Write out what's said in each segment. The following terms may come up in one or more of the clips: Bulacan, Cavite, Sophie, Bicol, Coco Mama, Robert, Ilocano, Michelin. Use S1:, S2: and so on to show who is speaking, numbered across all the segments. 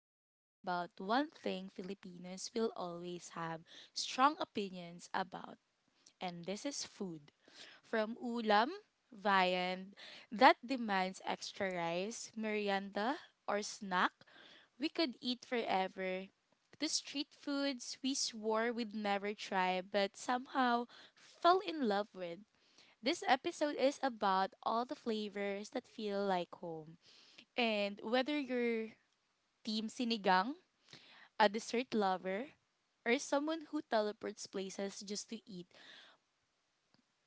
S1: we're talking about one thing Filipinos will always have strong opinions about, and this is food. From ulam, viand that demands extra rice, merienda, or snack we could eat forever. To street foods we swore we'd never try but somehow fell in love with. This episode is about all the flavors that feel like home and whether you're team sinigang, a dessert lover, or someone who teleports places just to eat,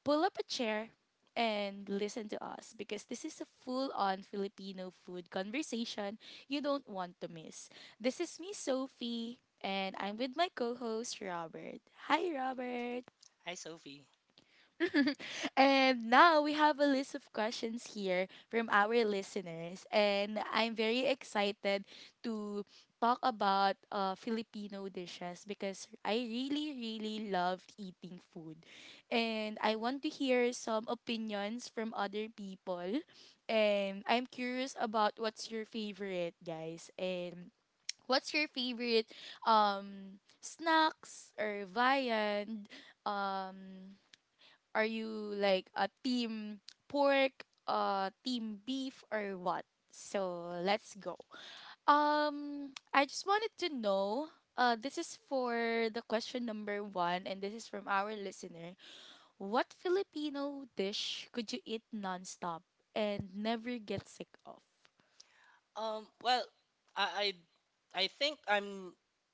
S1: pull up a chair and listen to us because this is a full-on Filipino food conversation you don't want to miss. This is me, Sophie, and I'm with my co-host Robert. Hi, Robert.
S2: Hi, Sophie.
S1: And now we have a list of questions here from our listeners. And I'm very excited to talk about Filipino dishes because I really, really loved eating food. And I want to hear some opinions from other people. And I'm curious about what's your favorite, guys. And what's your favorite snacks or viand? Um, are you like a team pork, team beef or what? So let's go. I just wanted to know this is for the question number 1 and this is from our listener. What Filipino dish could you eat nonstop and never get sick of?
S2: Um, well, I, I think I'm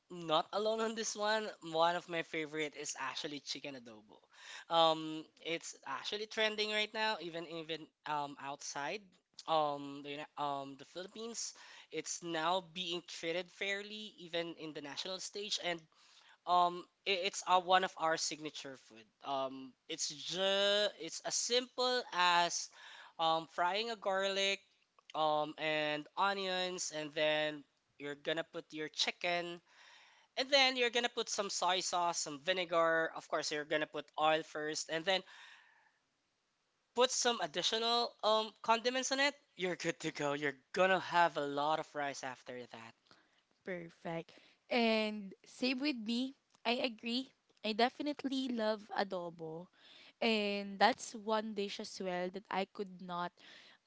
S2: not alone on this one. One of my favorite is actually chicken adobo. It's actually trending right now, even outside the the Philippines. It's now being treated fairly, even in the national stage, and I- it's one of our signature food. It's as simple as frying a garlic, and onions, and then you're gonna put your chicken, and then you're gonna put some soy sauce, some vinegar. Of course, you're gonna put oil first, and then put some additional condiments on it. You're good to go. You're gonna have a lot of rice after that,
S1: Perfect. And same with me. I agree. I definitely love adobo. And that's one dish as well that I could not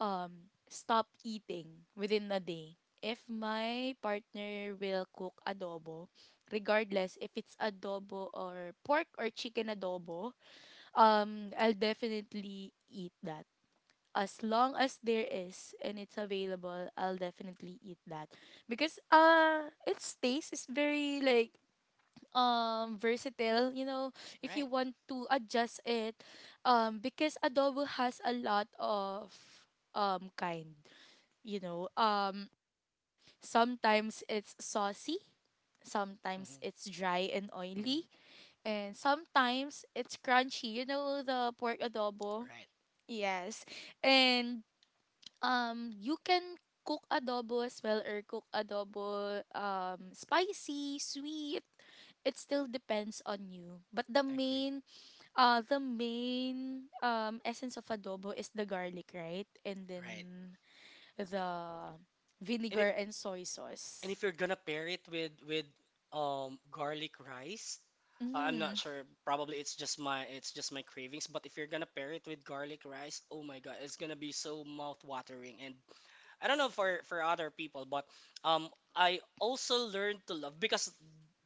S1: stop eating within a day. If my partner will cook adobo, regardless if it's adobo or pork or chicken adobo, I'll definitely eat that as long as there is and it's available, I'll definitely eat that because its taste is very like versatile, you know, if you
S2: right?
S1: want to adjust it because adobo has a lot of kind, you know. Sometimes it's saucy, sometimes
S2: Mm-hmm.
S1: it's dry and
S2: Mm-hmm.
S1: oily, and sometimes it's crunchy, you know, the pork adobo.
S2: Right.
S1: Yes. And you can cook adobo as well or cook adobo spicy, sweet. It still depends on you. But the
S2: Agreed.
S1: main uh the main essence of adobo is the garlic, right? And then
S2: Right.
S1: the
S2: And
S1: vinegar
S2: it,
S1: and soy
S2: And
S1: sauce.
S2: if you're gonna pair it with garlic rice, I'm not
S1: Mm.
S2: sure. Probably it's just my cravings. But if you're gonna pair it with garlic rice, oh my God, it's gonna be so mouth-watering. And I don't know for other people, but I also learned to love because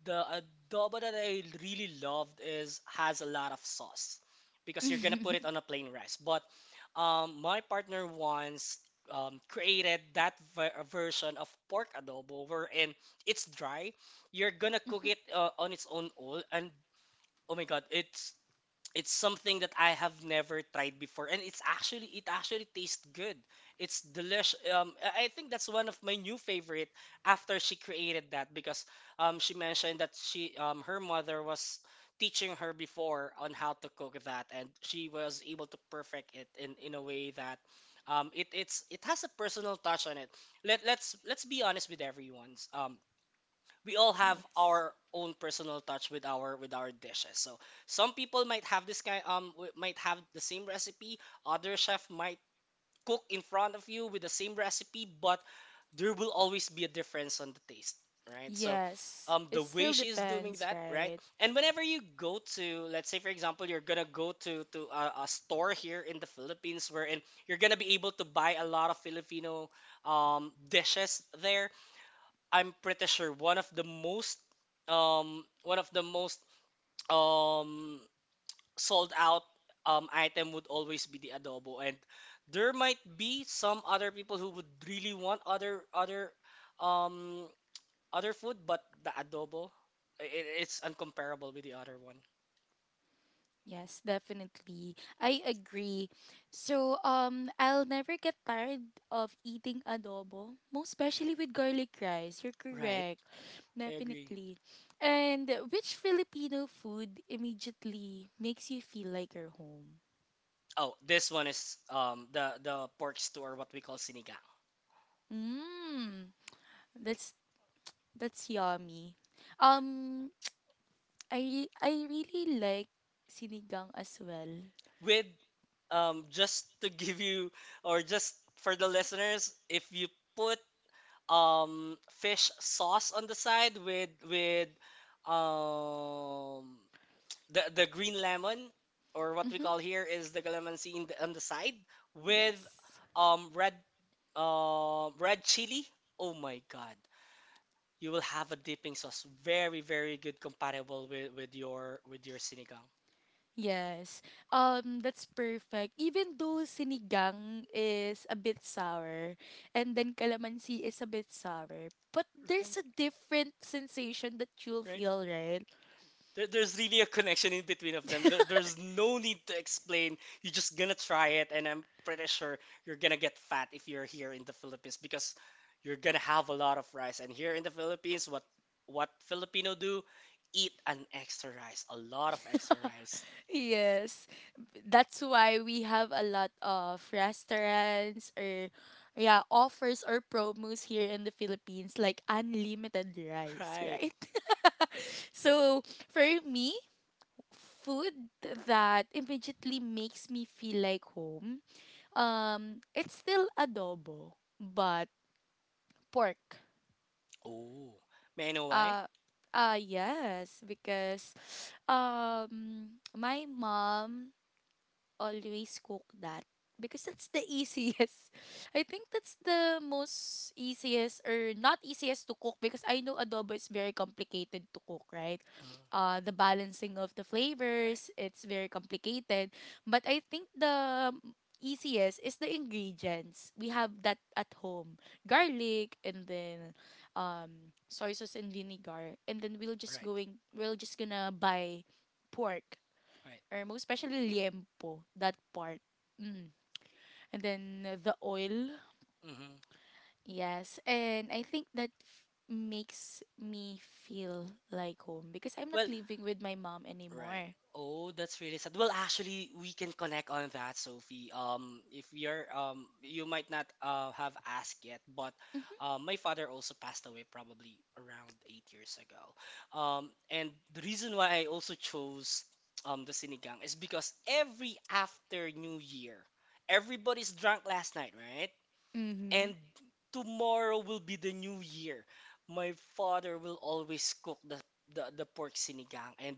S2: the adobo that I really loved is has a lot of sauce because you're gonna put it on a plain rice. But my partner wants created that version of pork adobo wherein it's dry. You're gonna cook
S1: Mhm.
S2: it on its own oil, and oh my god, it's something that I have never tried before, and it actually tastes good. It's delicious. I think that's one of my new favorite after she created that because she mentioned that she her mother was teaching her before on how to cook that, and she was able to perfect it in a way that it has a personal touch on it. Let's be honest with everyone's we all have
S1: Yes.
S2: our own personal touch with our dishes. So some people might have this kind might have the same recipe. Other chef might cook in front of you with the same recipe, but there will always be a difference on the taste, right? So
S1: Yes. It
S2: the way
S1: still
S2: she is doing
S1: depends,
S2: that, right?
S1: right?
S2: And whenever you go to, let's say for example, you're gonna go to a store here in the Philippines wherein you're gonna be able to buy a lot of Filipino dishes there. I'm pretty sure one of the most um one of the most um sold out item would always be the adobo, and there might be some other people who would really want um other food, but the adobo, it's uncomparable with the other one.
S1: Yes, definitely. I agree. So, I'll never get tired of eating adobo, most especially with garlic rice. You're
S2: Right.
S1: correct.
S2: I agree.
S1: Definitely. And which Filipino food immediately makes you feel like you're home?
S2: Oh, this one is the pork stew, or what we call sinigang
S1: Mmm. That's that's yummy. Um, I really like sinigang as well.
S2: with just to give you or just for the listeners, if you put fish sauce on the side with um the green lemon, or what we
S1: Mm-hmm.
S2: call here is the calamansi, in the, on the side with
S1: Yes.
S2: red red chili. Oh my god. You will have a dipping sauce very very good comparable with your with your sinigang.
S1: Yes. That's perfect. Even though sinigang is a bit sour and then calamansi is a bit sour, but there's
S2: Right?
S1: a different sensation that you'll
S2: Right?
S1: feel, right?
S2: There, there's really a connection in between of them. There, there's no need to explain. You're just gonna try it, and I'm pretty sure you're gonna get fat if you're here in the Philippines because you're gonna have a lot of rice. And here in the Philippines, what Filipino do? Eat an extra rice, a lot of extra rice.
S1: Yes. That's why we have a lot of restaurants or yeah, offers or promos here in the Philippines like unlimited rice,
S2: Right.
S1: right? So, for me, food that immediately makes me feel like home, um, it's still adobo, but pork.
S2: Oh, may I know why?
S1: Uh, yes, because my mom always cook that because that's the easiest. I think that's the most easiest or not easiest to cook because I know adobo is very complicated to cook, right?
S2: Mm,
S1: The balancing of the
S2: right,
S1: flavors, it's very complicated. But I think the easiest is the ingredients. We have that at home. Garlic and then soy sauce and vinegar and then we'll just
S2: right,
S1: going we'll just gonna buy pork
S2: right.
S1: or most especially liempo, that part. Mm. And then the oil,
S2: hmm
S1: yes. And I think that makes me feel like home because I'm not
S2: Well,
S1: living with my mom
S2: right.
S1: anymore.
S2: Oh, that's really sad. Well, actually, we can connect on that, Sophie. If you're you might not have asked yet, but
S1: Mhm.
S2: my father also passed away probably around 8 years ago. And the reason why I also chose the sinigang is because every after New Year, everybody's drunk last night, right?
S1: Mm-hmm.
S2: And tomorrow will be the new year. My father will always cook the pork sinigang and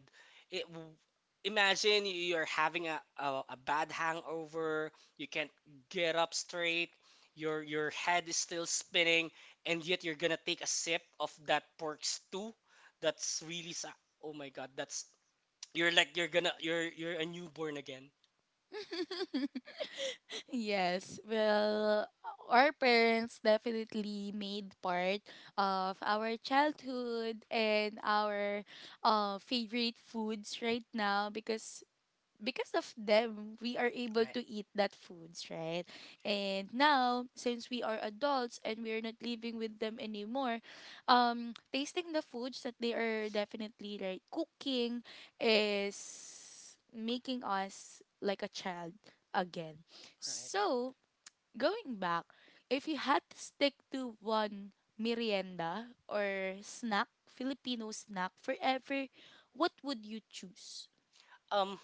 S2: it w- imagine you're having a bad hangover, you can't get up straight, your head is still spinning, and yet you're going to take a sip of that pork stew. That's really sa- oh my god, that's you're like you're gonna you're a newborn again.
S1: Yes. Well, our parents definitely made part of our childhood and our favorite foods right now because of them we are able
S2: Right.
S1: to eat that foods right
S2: Right.
S1: and now since we are adults and we are not living with them anymore, um, tasting the foods that they are definitely like cooking is making us like a child again.
S2: Right.
S1: So, going back, if you had to stick to one merienda or snack, Filipino snack forever, what would you choose?
S2: Um.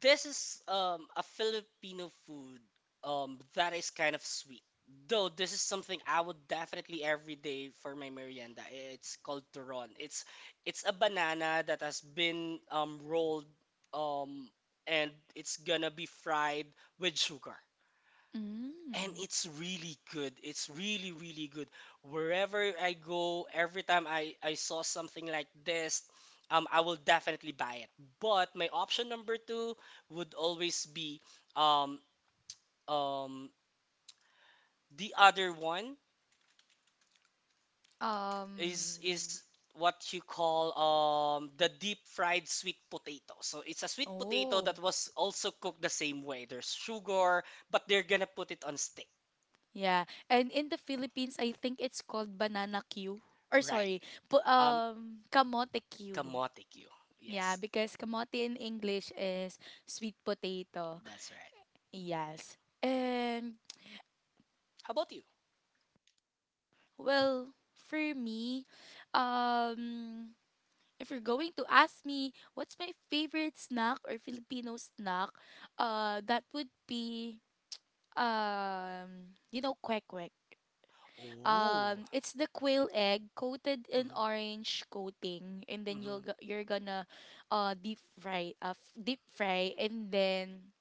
S2: This is a Filipino food that is kind of sweet. Though this is something I would definitely every day for my merienda. It's called turon. It's a banana that has been rolled, um, and it's gonna be fried with sugar, and
S1: Mm.
S2: it's really good, it's really really good. Wherever I go, every time I saw something like this, I will definitely buy it. But my option number two would always be um um the other one is
S1: Um,
S2: is what you call the deep fried sweet potato. So it's a sweet potato
S1: oh,
S2: that was also cooked the same way, there's sugar, but they're gonna put it on stick.
S1: yeah. And in the Philippines, I think it's called banana Q. Or
S2: Right.
S1: sorry,
S2: um
S1: kamote Q.
S2: Kamote Q. Yes,
S1: Yeah, because kamote in English is sweet potato.
S2: that's right.
S1: Yes. And,
S2: How about you?
S1: well, for me, um, if you're going to ask me what's my favorite snack or Filipino snack, that would be, you know, kwek,
S2: Oh,
S1: it's the quail egg coated in
S2: hmm
S1: orange coating and then
S2: hmm
S1: you're gonna deep fry deep fry and then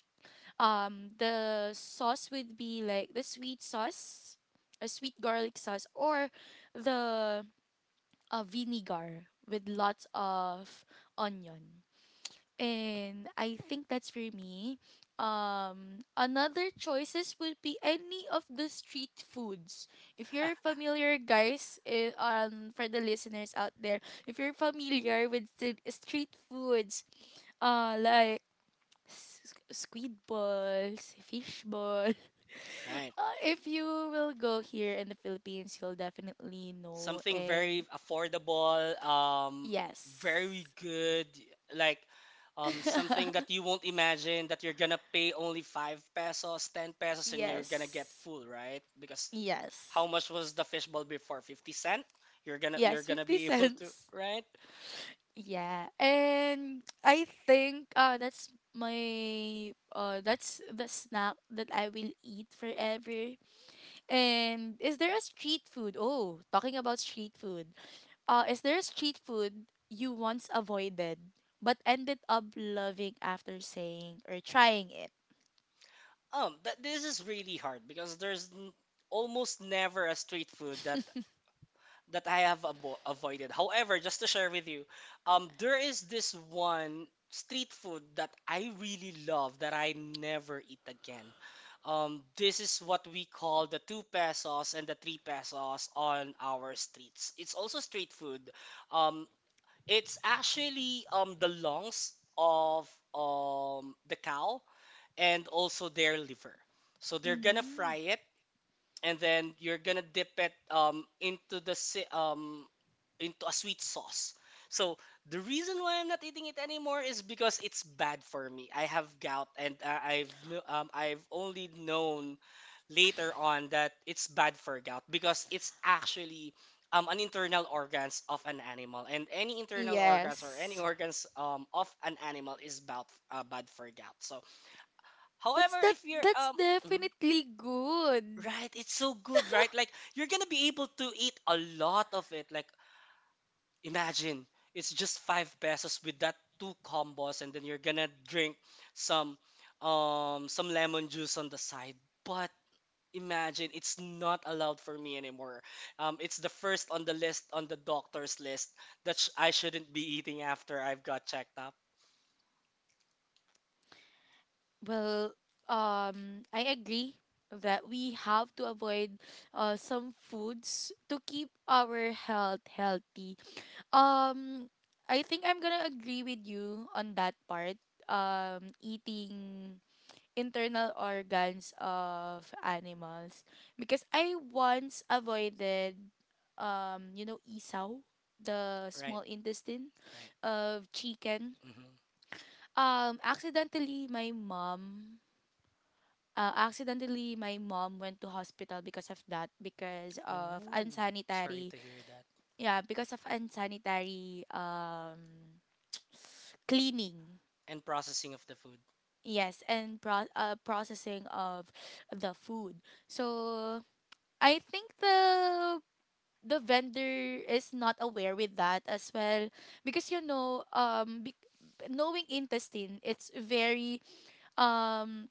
S1: the sauce would be like the sweet sauce, a sweet garlic sauce or the vinegar with lots of onion. And I think that's for me. Another choices would be any of the street foods. If you're familiar, guys, eh, for the listeners out there, if you're familiar with the street foods, like squid balls, fish ball.
S2: right.
S1: If you will go here in the Philippines, you'll definitely know.
S2: Something very
S1: And
S2: affordable, very
S1: yes,
S2: good, like something that you won't imagine that you're gonna pay only 5 pesos, 10 pesos, and you're gonna get
S1: yes,
S2: full, right? Because
S1: yes.
S2: how much was the fishbowl before? 50 cents? You're
S1: Yes,
S2: gonna
S1: 50
S2: be able to,
S1: cents.
S2: right?
S1: Yeah. And I think that's my that's the snack that I will eat forever. And is there a street food? Oh, talking about street food. Is there a street food you once avoided but ended up loving after saying or trying it?
S2: But this is really hard because there's n- almost never a street food that that I have avoided. However, just to share with you, there is this one street food that I really love that I never eat again. This is what we call the 2 pesos and the 3 pesos on our streets. It's also street food. Um, it's actually the lungs of the cow, and also their liver. So they're gonna
S1: Mm.
S2: fry it, and then you're gonna dip it into a sweet sauce. So the reason why I'm not eating it anymore is because it's bad for me. I have gout, and I've only known later on that it's bad for gout because it's actually an internal organs of an animal, and any internal organs or any
S1: Yes.
S2: organs of an animal is bad, bad for gout. So,
S1: But
S2: however,
S1: that
S2: if you're
S1: that's
S2: mm-hmm.
S1: definitely good.
S2: Right, it's so good, right? Like you're gonna be able to eat a lot of it. Like imagine it's just 5 pesos with that two combos, and then you're gonna drink some some lemon juice on the side. But imagine it's not allowed for me anymore. It's the first on the list on the doctor's list that I shouldn't be eating after I've got checked up.
S1: Well, I agree that we have to avoid some foods to keep our health healthy. Um, I think I'm gonna agree with you on that part. Eating internal organs of animals because I once avoided, you know, isaw, the
S2: Right,
S1: small intestine
S2: right.
S1: of chicken.
S2: hmm
S1: Um, accidentally, my mom accidentally my mom went to hospital because of that, because of
S2: Ooh, sorry to hear that.
S1: unsanitary cleaning,
S2: And processing of the food.
S1: yes, and processing of the food. So I think the vendor is not aware with that as well because you know, knowing intestine, um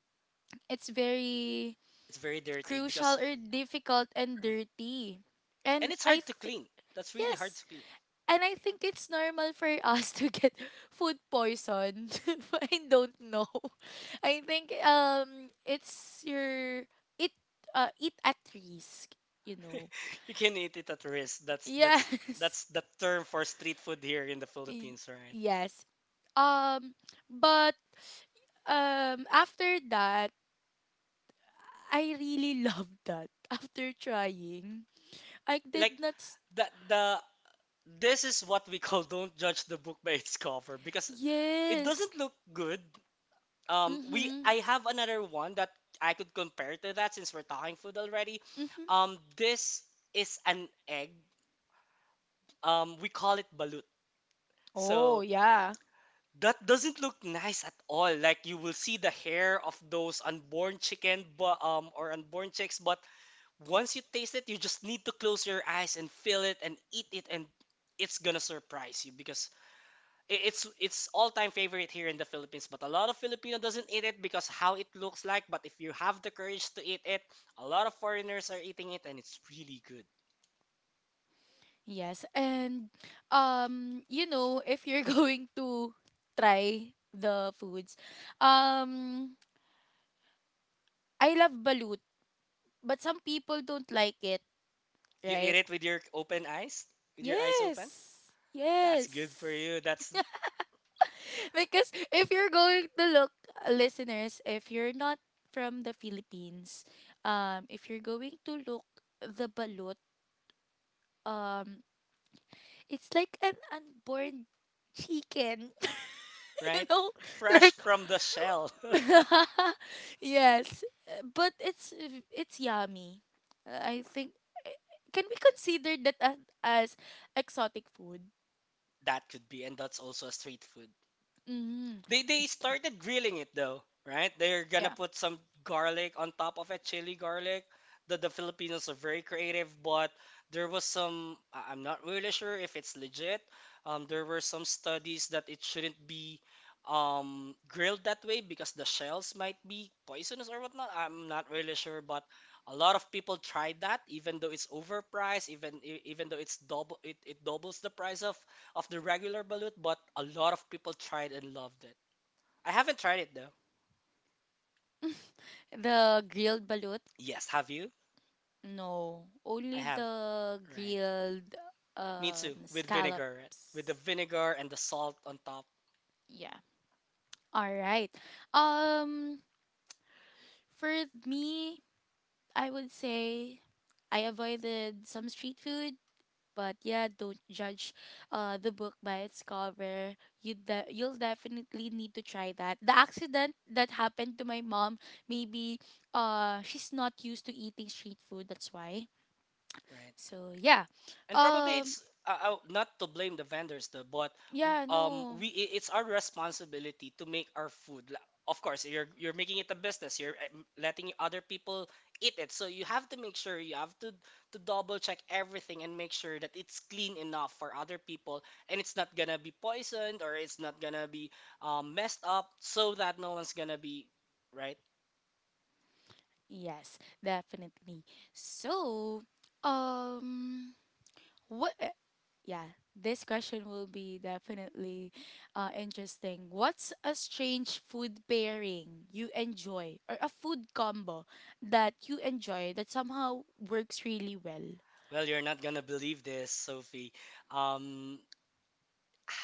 S1: it's very
S2: It's very dirty
S1: crucial
S2: because,
S1: or difficult and
S2: right.
S1: dirty.
S2: And
S1: And
S2: it's
S1: I
S2: hard to
S1: th-
S2: clean. That's really hard
S1: yes,
S2: to clean.
S1: and I think it's normal for us to get food poison. I don't know. I think it's your eat eat at risk, you know.
S2: You can eat it at risk.
S1: Yes.
S2: That's the term for street food here in the
S1: Y-
S2: Philippines, right?
S1: yes. Um but after that I really loved that after trying. I
S2: Like
S1: did not s-
S2: the this is what we call don't judge the book by its cover because it
S1: yes.
S2: doesn't look good. We
S1: Mm-hmm.
S2: I have another one that I could compare to that since we're talking food already.
S1: Mm-hmm.
S2: This is an egg, we call it balut.
S1: Oh,
S2: So
S1: yeah.
S2: that doesn't look nice at all, like you will see the hair of those unborn chicken, but or unborn chicks. But once you taste it, you just need to close your eyes and feel it and eat it, and it's gonna surprise you because it's all-time favorite here in the Philippines, but a lot of Filipino doesn't eat it because how it looks like. But if you have the courage to eat it, a lot of foreigners are eating it and it's really good.
S1: Yes. And you know, if you're going to try the foods, um, I love balut, but some people don't like it,
S2: You eat
S1: right?
S2: it with your open eyes, with your eyes open.
S1: Yes.
S2: That's good for
S1: Yes.
S2: you. That's
S1: because if you're going to look, listeners, if you're not from the Philippines, if you're going to look the balut, um, it's like an unborn chicken. you
S2: right?
S1: know
S2: Fresh
S1: like
S2: from the shell.
S1: yes, but it's yummy. I think can we consider that as exotic food?
S2: That could be, and that's also a street food.
S1: Mm.
S2: They
S1: Okay.
S2: started grilling it though, right? They're gonna
S1: Yeah.
S2: put some garlic on top of it, chili garlic. The Filipinos are very creative, but there was some I'm not really sure if it's legit. There were some studies that it shouldn't be grilled that way because the shells might be poisonous or whatnot. I'm not really sure, but a lot of people tried that even though it's overpriced, even even though it's double it, it doubles the price of the regular balut, but a lot of people tried and loved it. I haven't tried it though.
S1: The grilled balut?
S2: Yes, have you?
S1: No,
S2: I
S1: only
S2: have.
S1: the
S2: Right.
S1: grilled
S2: Me too. With vinegar, right? With the
S1: scallops.
S2: vinegar and the salt on top,
S1: Yeah. All right. Um, for me, I would say I avoided some street food, but yeah, don't judge the book by its cover. You'll definitely need to try that. The accident that happened to my mom, maybe she's not used to eating street food, that's why.
S2: right?
S1: So yeah,
S2: And probably
S1: um,
S2: it's not to blame the vendors though. But
S1: yeah, no,
S2: it's our responsibility to make our food. Of course you're making it a business. You're letting other people eat it, so you have to make sure, you have to double check everything and make sure that it's clean enough for other people, and it's not gonna be poisoned, or it's not gonna be messed up, so that no one's gonna be right.
S1: yes, definitely. So, um, what, yeah, this question will be definitely interesting. What's a strange food pairing you enjoy or a food combo that you enjoy that somehow works really well?
S2: Well, you're not gonna believe this, Sophie. um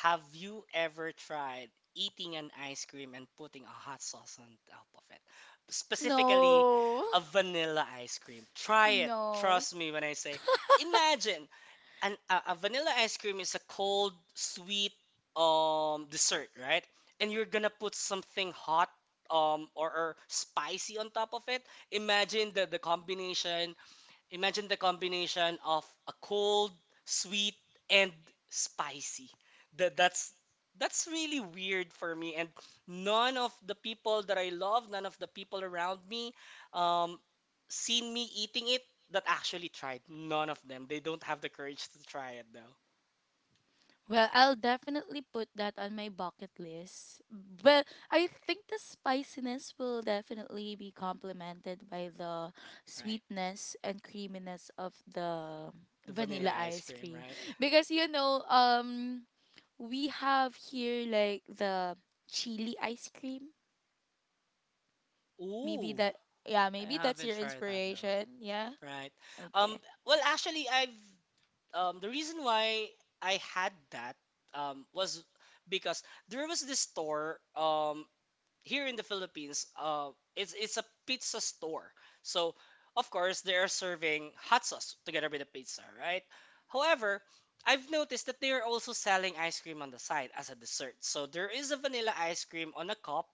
S2: Have you ever tried eating an ice cream and putting a hot sauce on top of it? Specifically,
S1: No,
S2: a vanilla ice cream. Try it.
S1: no.
S2: Trust me when I say, imagine a vanilla ice cream is a cold, sweet dessert, right? And you're gonna put something hot or spicy on top of it. Imagine the combination. Imagine the combination of a cold, sweet, and spicy. That's that's really weird for me. And none of the people that I love, none of the people around me, um, seen me eating it that actually tried. None of them. They don't have the courage to try it though.
S1: Well, I'll definitely put that on my bucket list. Well, I think the spiciness will definitely be complemented by the
S2: Right.
S1: sweetness and creaminess of the
S2: The vanilla
S1: vanilla
S2: ice
S1: ice
S2: cream,
S1: cream.
S2: right?
S1: Because you know, we have here like the chili ice cream. Maybe
S2: Ooh,
S1: that, yeah,
S2: I
S1: maybe that's
S2: haven't
S1: your
S2: tried that though.
S1: inspiration. Yeah.
S2: Right. Um,
S1: Okay.
S2: well, actually, I've the reason why I had that was because there was this store, here in the Philippines. It's a pizza store, so of course they are serving hot sauce together with the pizza, right? However, I've noticed that they are also selling ice cream on the side as a dessert. So there is a vanilla ice cream on a cup,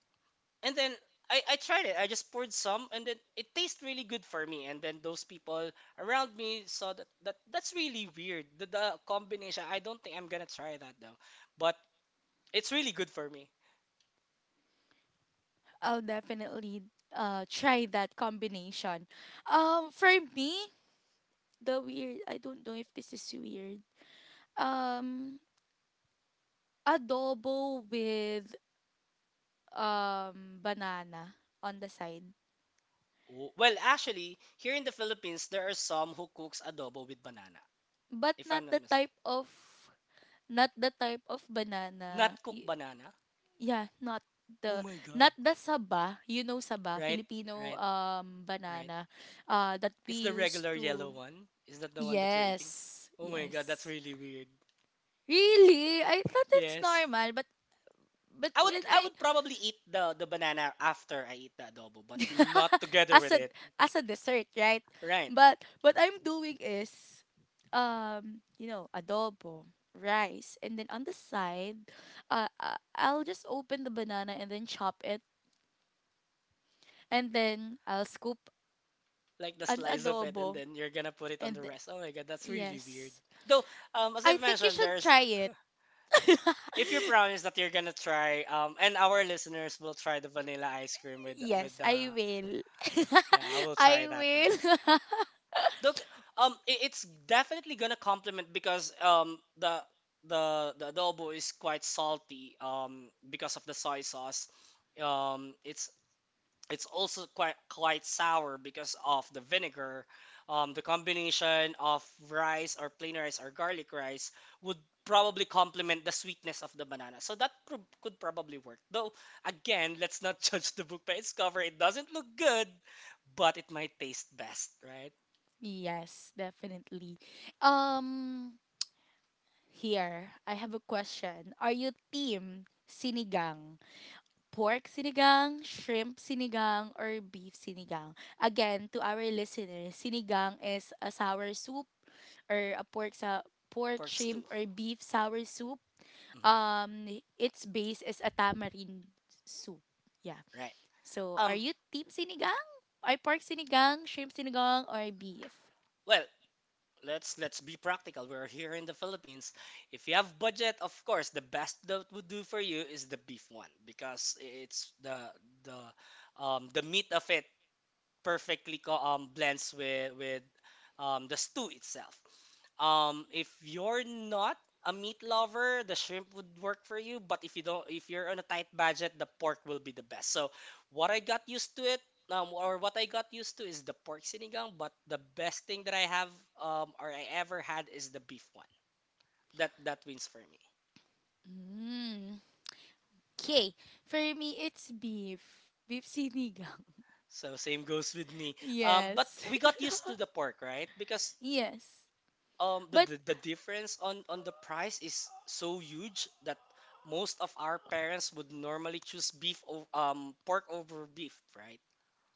S2: and then I tried it. I just poured some, and then it tastes really good for me. And then those people around me saw that, that's really weird. The combination. I don't think I'm gonna try that though, but it's really good for me.
S1: I'll definitely try that combination. Um, for me, the weird, I don't know if this is weird. Um, adobo with banana on the side.
S2: W- Well, actually, here in the Philippines, there are some who cooks adobo with banana.
S1: But
S2: If
S1: not
S2: I'm not
S1: the type
S2: mistaken,
S1: of, not the type of banana.
S2: not cooked banana.
S1: Yeah, not
S2: Oh
S1: the,
S2: my god!
S1: not the saba, you know saba,
S2: Right,
S1: Filipino
S2: right, right.
S1: banana that
S2: It's the
S1: we used
S2: regular yellow
S1: to.
S2: one. Is that the one that you're eating?
S1: Yes,
S2: Oh my god, that's
S1: yes.
S2: really weird.
S1: Really? I thought it's
S2: Yes.
S1: normal but
S2: I
S1: when
S2: would I
S1: I
S2: would probably eat the banana after I eat the adobo, but not together
S1: as
S2: with
S1: a
S2: it.
S1: as a dessert, right?
S2: Right.
S1: But what I'm doing is you know, adobo, rice, and then on the side, I'll just open the banana and then chop it, and then I'll scoop
S2: Like the
S1: an
S2: slice of it, and
S1: adobo,
S2: then you're gonna put it on the
S1: and th-
S2: rest. Oh my god, that's really weird.
S1: yes,
S2: Though, as
S1: I
S2: I've
S1: think you
S2: mentioned,
S1: should
S2: there's
S1: try it.
S2: if you promise that you're gonna try, and our listeners will try the vanilla ice cream with
S1: yes,
S2: the
S1: I will.
S2: yeah, I will try that
S1: I
S2: though.
S1: will.
S2: Look, it's definitely gonna complement, because the the adobo is quite salty because of the soy sauce um it's it's also quite sour because of the vinegar. The combination of rice or plain rice or garlic rice would probably complement the sweetness of the banana. So that could probably work. Though again, let's not judge the book by its cover. It doesn't look good, but it might taste best, right?
S1: yes, definitely. Um, Here, I have a question. Are you team sinigang? Pork sinigang, shrimp sinigang, or beef sinigang? Again, to our listeners, sinigang is a sour soup or a pork sa pork,
S2: Pork stew.
S1: shrimp, or beef sour soup.
S2: Hmm.
S1: Um, its base is a tamarind soup. Yeah.
S2: Right.
S1: So, are
S2: Um.
S1: you team sinigang? Are pork sinigang, shrimp sinigang, or beef?
S2: Well, let's be practical. We're here in the Philippines. If you have budget, of course, the best that would do for you is the beef one, because it's the meat of it perfectly blends with the stew itself. If you're not a meat lover, the shrimp would work for you. But if you don't, if you're on a tight budget, the pork will be the best. So what I got used to it, or what I got used to is the pork sinigang. But the best thing that I have, or I ever had, is the beef one. That that wins for me.
S1: Mm. Okay. For me, it's beef. Beef sinigang.
S2: So same goes with me. But
S1: Yes.
S2: we got used to the pork, right? Because
S1: yes. But
S2: the difference on the price is so huge that most of our parents would normally choose beef over pork over beef, right?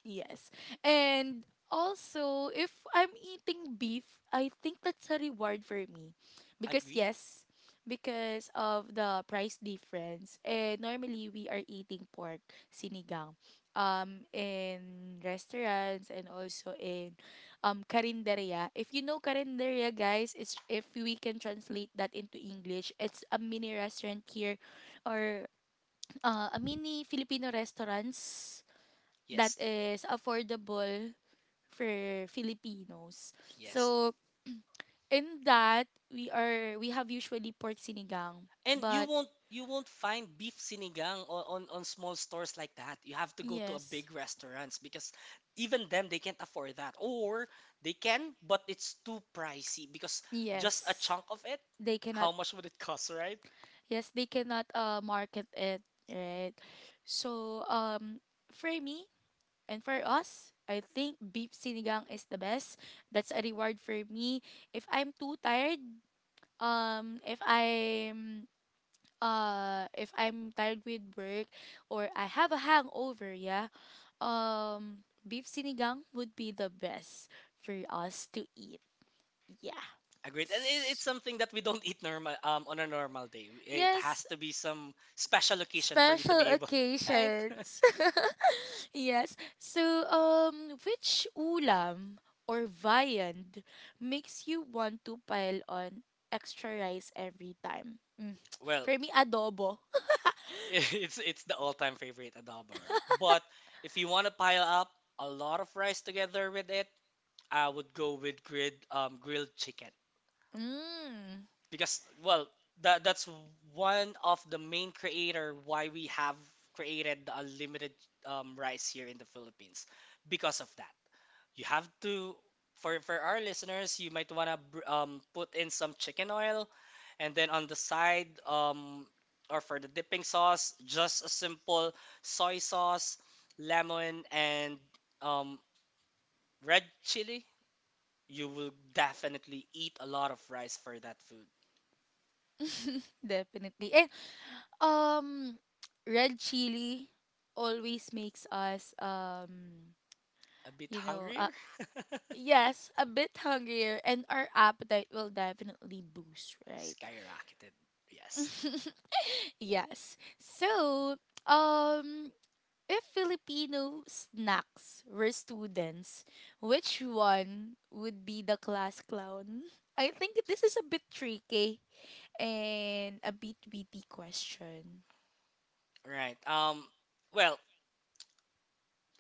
S1: yes. And also, if I'm eating beef, I think that's a reward for me. Because
S2: Agreed?
S1: yes, because of the price difference. And normally we are eating pork sinigang in restaurants and also in karinderya. If you know karinderya, guys, it's if we can translate that into English, it's a mini restaurant here or a mini Filipino restaurants that
S2: Yes.
S1: is affordable for Filipinos.
S2: Yes.
S1: So in that we have usually pork sinigang,
S2: And you
S1: but
S2: won't you won't find beef sinigang on, on small stores like that. You have to go to a
S1: yes,
S2: big restaurants, because even them they can't afford that. Or they can, but it's too pricey because just a
S1: yes,
S2: chunk of it,
S1: they
S2: how
S1: cannot
S2: much would it cost, right?
S1: yes, they cannot market it right. So for me and for us. I think beef sinigang is the best. That's a reward for me. If I'm too tired, um, if I'm if I'm tired with work or I have a hangover, yeah, beef sinigang would be the best for us to eat. Yeah.
S2: Agreed. And it, it's
S1: S-
S2: something that we don't eat normal on a normal day. It has
S1: Yes,
S2: to be some special occasion for you to
S1: special
S2: be able, right?
S1: occasions. yes. So, which ulam or viand makes you want to pile on extra rice every time? Mm.
S2: Well,
S1: For me, adobo.
S2: it's the all-time favorite adobo, right? But if you want to pile up a lot of rice together with it, I would go with grilled chicken.
S1: Mm,
S2: Because well that that's one of the main creator why we have created the unlimited rice here in the Philippines. Because of that, you have to for our listeners, you might want to put in some chicken oil, and then on the side or for the dipping sauce, just a simple soy sauce, lemon, and um, red chili. You will definitely eat a lot of rice for that food
S1: definitely. Um, red chili always makes us
S2: a bit
S1: you know,
S2: hungrier.
S1: uh, yes, a bit hungrier, and our appetite will definitely boost, right?
S2: Skyrocketed. Yes.
S1: yes. So, um, if Filipino snacks were students, which one would be the class clown? I think this is a bit tricky and a bit witty question.
S2: Right. Well,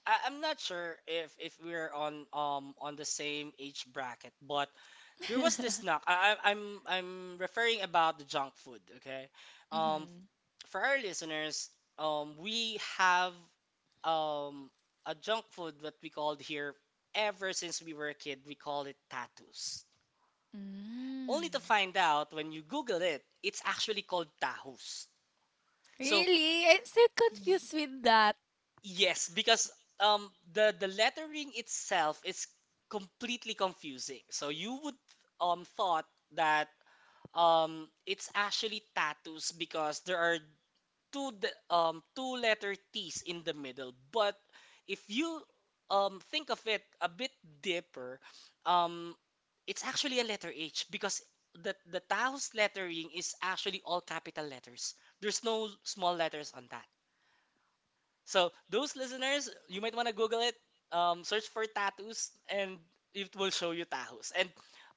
S2: I, I'm not sure if we're on the same age bracket, but there was this knock. I'm referring about the junk food. Okay. Um.
S1: mm-hmm.
S2: For our listeners, we have um a junk food that we called here ever since we were a kid. We called it tattoos. Only to
S1: Mm.
S2: find out when you Google it, it's actually called tahus. So
S1: Really? I'm still
S2: y-
S1: confused with that.
S2: yes, because um the lettering itself is completely confusing. So you would thought that it's actually tattoos, because there are two letter T's in the middle. But if you think of it a bit deeper, um it's actually a letter H, because the Taos lettering is actually all capital letters. There's no small letters on that. So those listeners, you might want to Google it. Search for tattoos, and it will show you tahos. And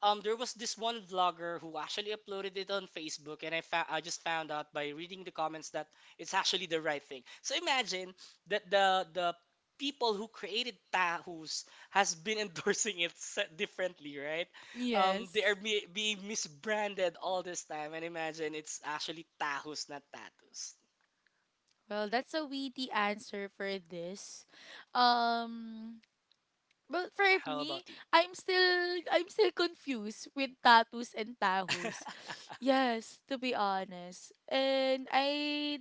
S2: there was this one vlogger who actually uploaded it on Facebook, and I just found out by reading the comments that it's actually the right thing. So imagine that the people who created tahos has been endorsing it differently, right? They are
S1: Yes.
S2: be- being misbranded all this time, and imagine it's actually tahos, not tattoos.
S1: Well, that's a witty answer for this. Um but for
S2: How
S1: me,
S2: about you?
S1: I'm still confused with tattoos and tahos. Yes, to be honest. And I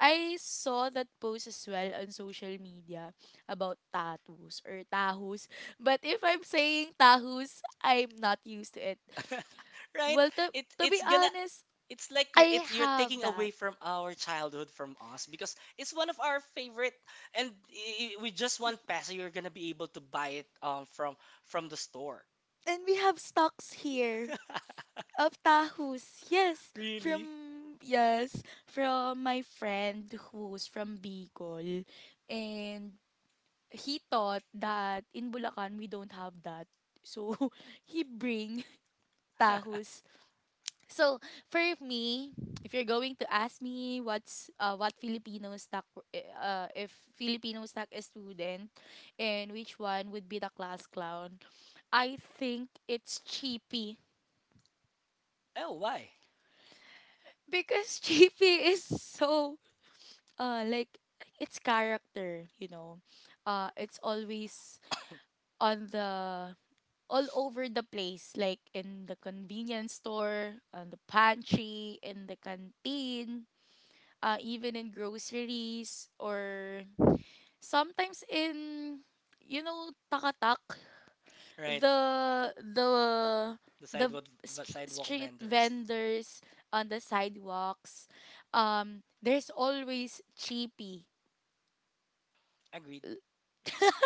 S1: I saw that post as well on social media about tattoos or tahos. But if I'm saying tahos, I'm not used to it.
S2: Right?
S1: Well, to,
S2: It
S1: to
S2: it's
S1: be
S2: gonna
S1: honest,
S2: it's like you're
S1: I
S2: it's you're
S1: have
S2: taking away
S1: that.
S2: from our childhood from us, because it's one of our favorite, and with just one peso you're gonna be able to buy it from the store.
S1: And we have stocks here of tahus.
S2: Really?
S1: Yes, from my friend who's from Bicol. And he thought that in Bulacan we don't have that. So he bring tahus. So for me, if you're going to ask me what Filipino stock if Filipino stock is student and which one would be the class clown, I think it's cheapy.
S2: Oh, why?
S1: Because JP is so like its character. It's always on the all over the place, like in the convenience store, on the pantry, in the canteen, even in groceries or sometimes in takatak.
S2: Right.
S1: the the
S2: The
S1: the
S2: sidewalk the
S1: st-
S2: sidewalk
S1: street
S2: vendors.
S1: vendors on the sidewalks, there's always cheapy.
S2: Agreed.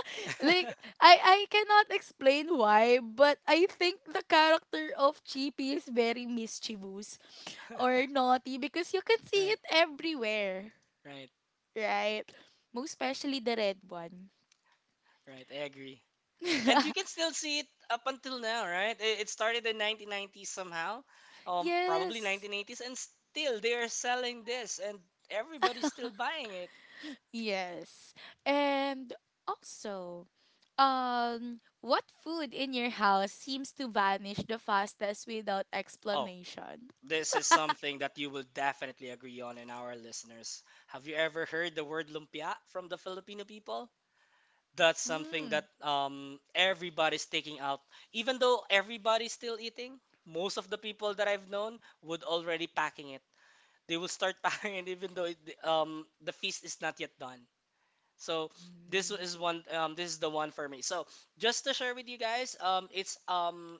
S1: like i i cannot explain why, but I think the character of cheapy is very mischievous or naughty because you can see
S2: Right,
S1: it everywhere,
S2: right,
S1: right, most especially the red one.
S2: right. I agree. And you can still see it up until now, right? It started in 1990s somehow, probably
S1: yes.
S2: 1980s, and still they are selling this, and everybody's still buying it.
S1: Yes. And also, what food in your house seems to vanish the fastest without
S2: Oh,
S1: explanation?
S2: this is something that you will definitely agree on in our listeners. Have you ever heard the word lumpia from the Filipino people? That's something
S1: Mm.
S2: that everybody's taking out. Even though everybody's still eating, most of the people that I've known would already packing it. They will start packing it even though it, the feast is not yet done. So this
S1: Mm.
S2: is one this is the one for me. So just to share with you guys, um it's um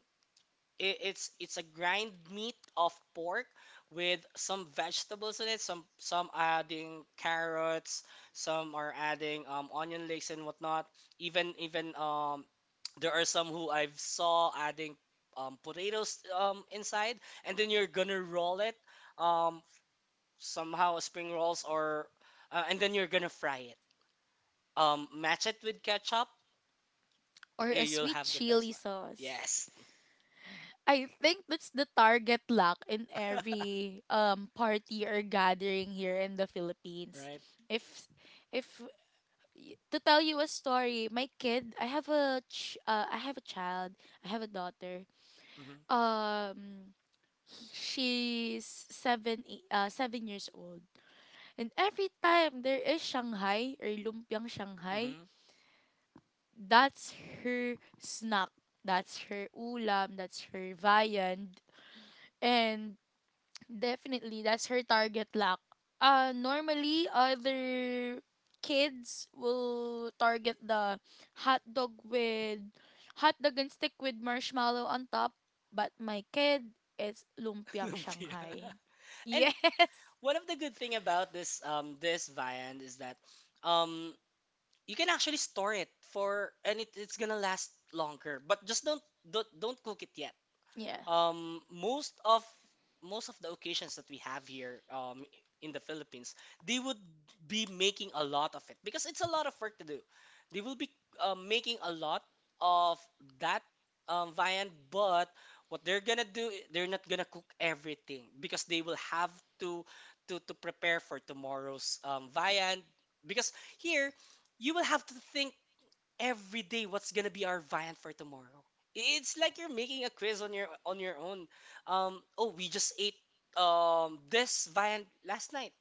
S2: i- it's a grind meat of pork with some vegetables in it. Some are adding carrots, some are adding onion leeks and whatnot. Even there are some who I've saw adding potatoes inside, and then you're gonna roll it um somehow spring rolls or and then you're gonna fry it. Match it with ketchup,
S1: Or
S2: y-
S1: a
S2: you'll
S1: sweet
S2: have the best
S1: chili
S2: one.
S1: sauce.
S2: Yes,
S1: I think that's the target lack in every party or gathering here in the Philippines.
S2: right.
S1: If if y- to tell you a story, my kid, I have a child, I have a daughter.
S2: Mm-hmm.
S1: Um he- she's 7 years old, and every time there is shanghai or lumpiang shanghai,
S2: Mm-hmm.
S1: that's her snack, that's her ulam, that's her viand, and definitely, that's her target lock. Normally, other kids will target the hot dog with hot dog and stick with marshmallow on top, but my kid is lumpiang
S2: Lumpia.
S1: Shanghai.
S2: And
S1: Yes.
S2: one of the good thing about this this viand is that um you can actually store it for, and it, it's gonna last longer. But just don't cook it yet.
S1: Yeah.
S2: Most of most of the occasions that we have here in the Philippines, they would be making a lot of it because it's a lot of work to do. They will be making a lot of that viand. But what they're gonna do, they're not gonna cook everything because they will have to to prepare for tomorrow's viand, because here you will have to think every day what's gonna be our viand for tomorrow. It's like you're making a quiz on your own. Oh, we just ate this viand last night,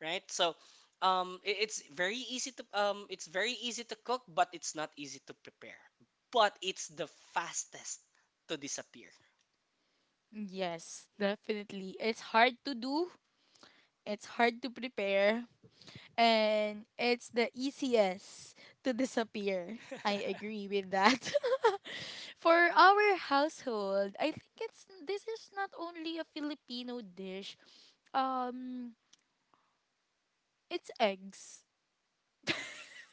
S2: right? So, it's very easy to it's very easy to cook, but it's not easy to prepare. But it's the fastest to disappear.
S1: Yes, definitely. It's hard to do. It's hard to prepare, and it's the easiest to disappear.
S2: I-
S1: I agree with that. For our household, I think it's this is not only a Filipino dish. Um it's eggs.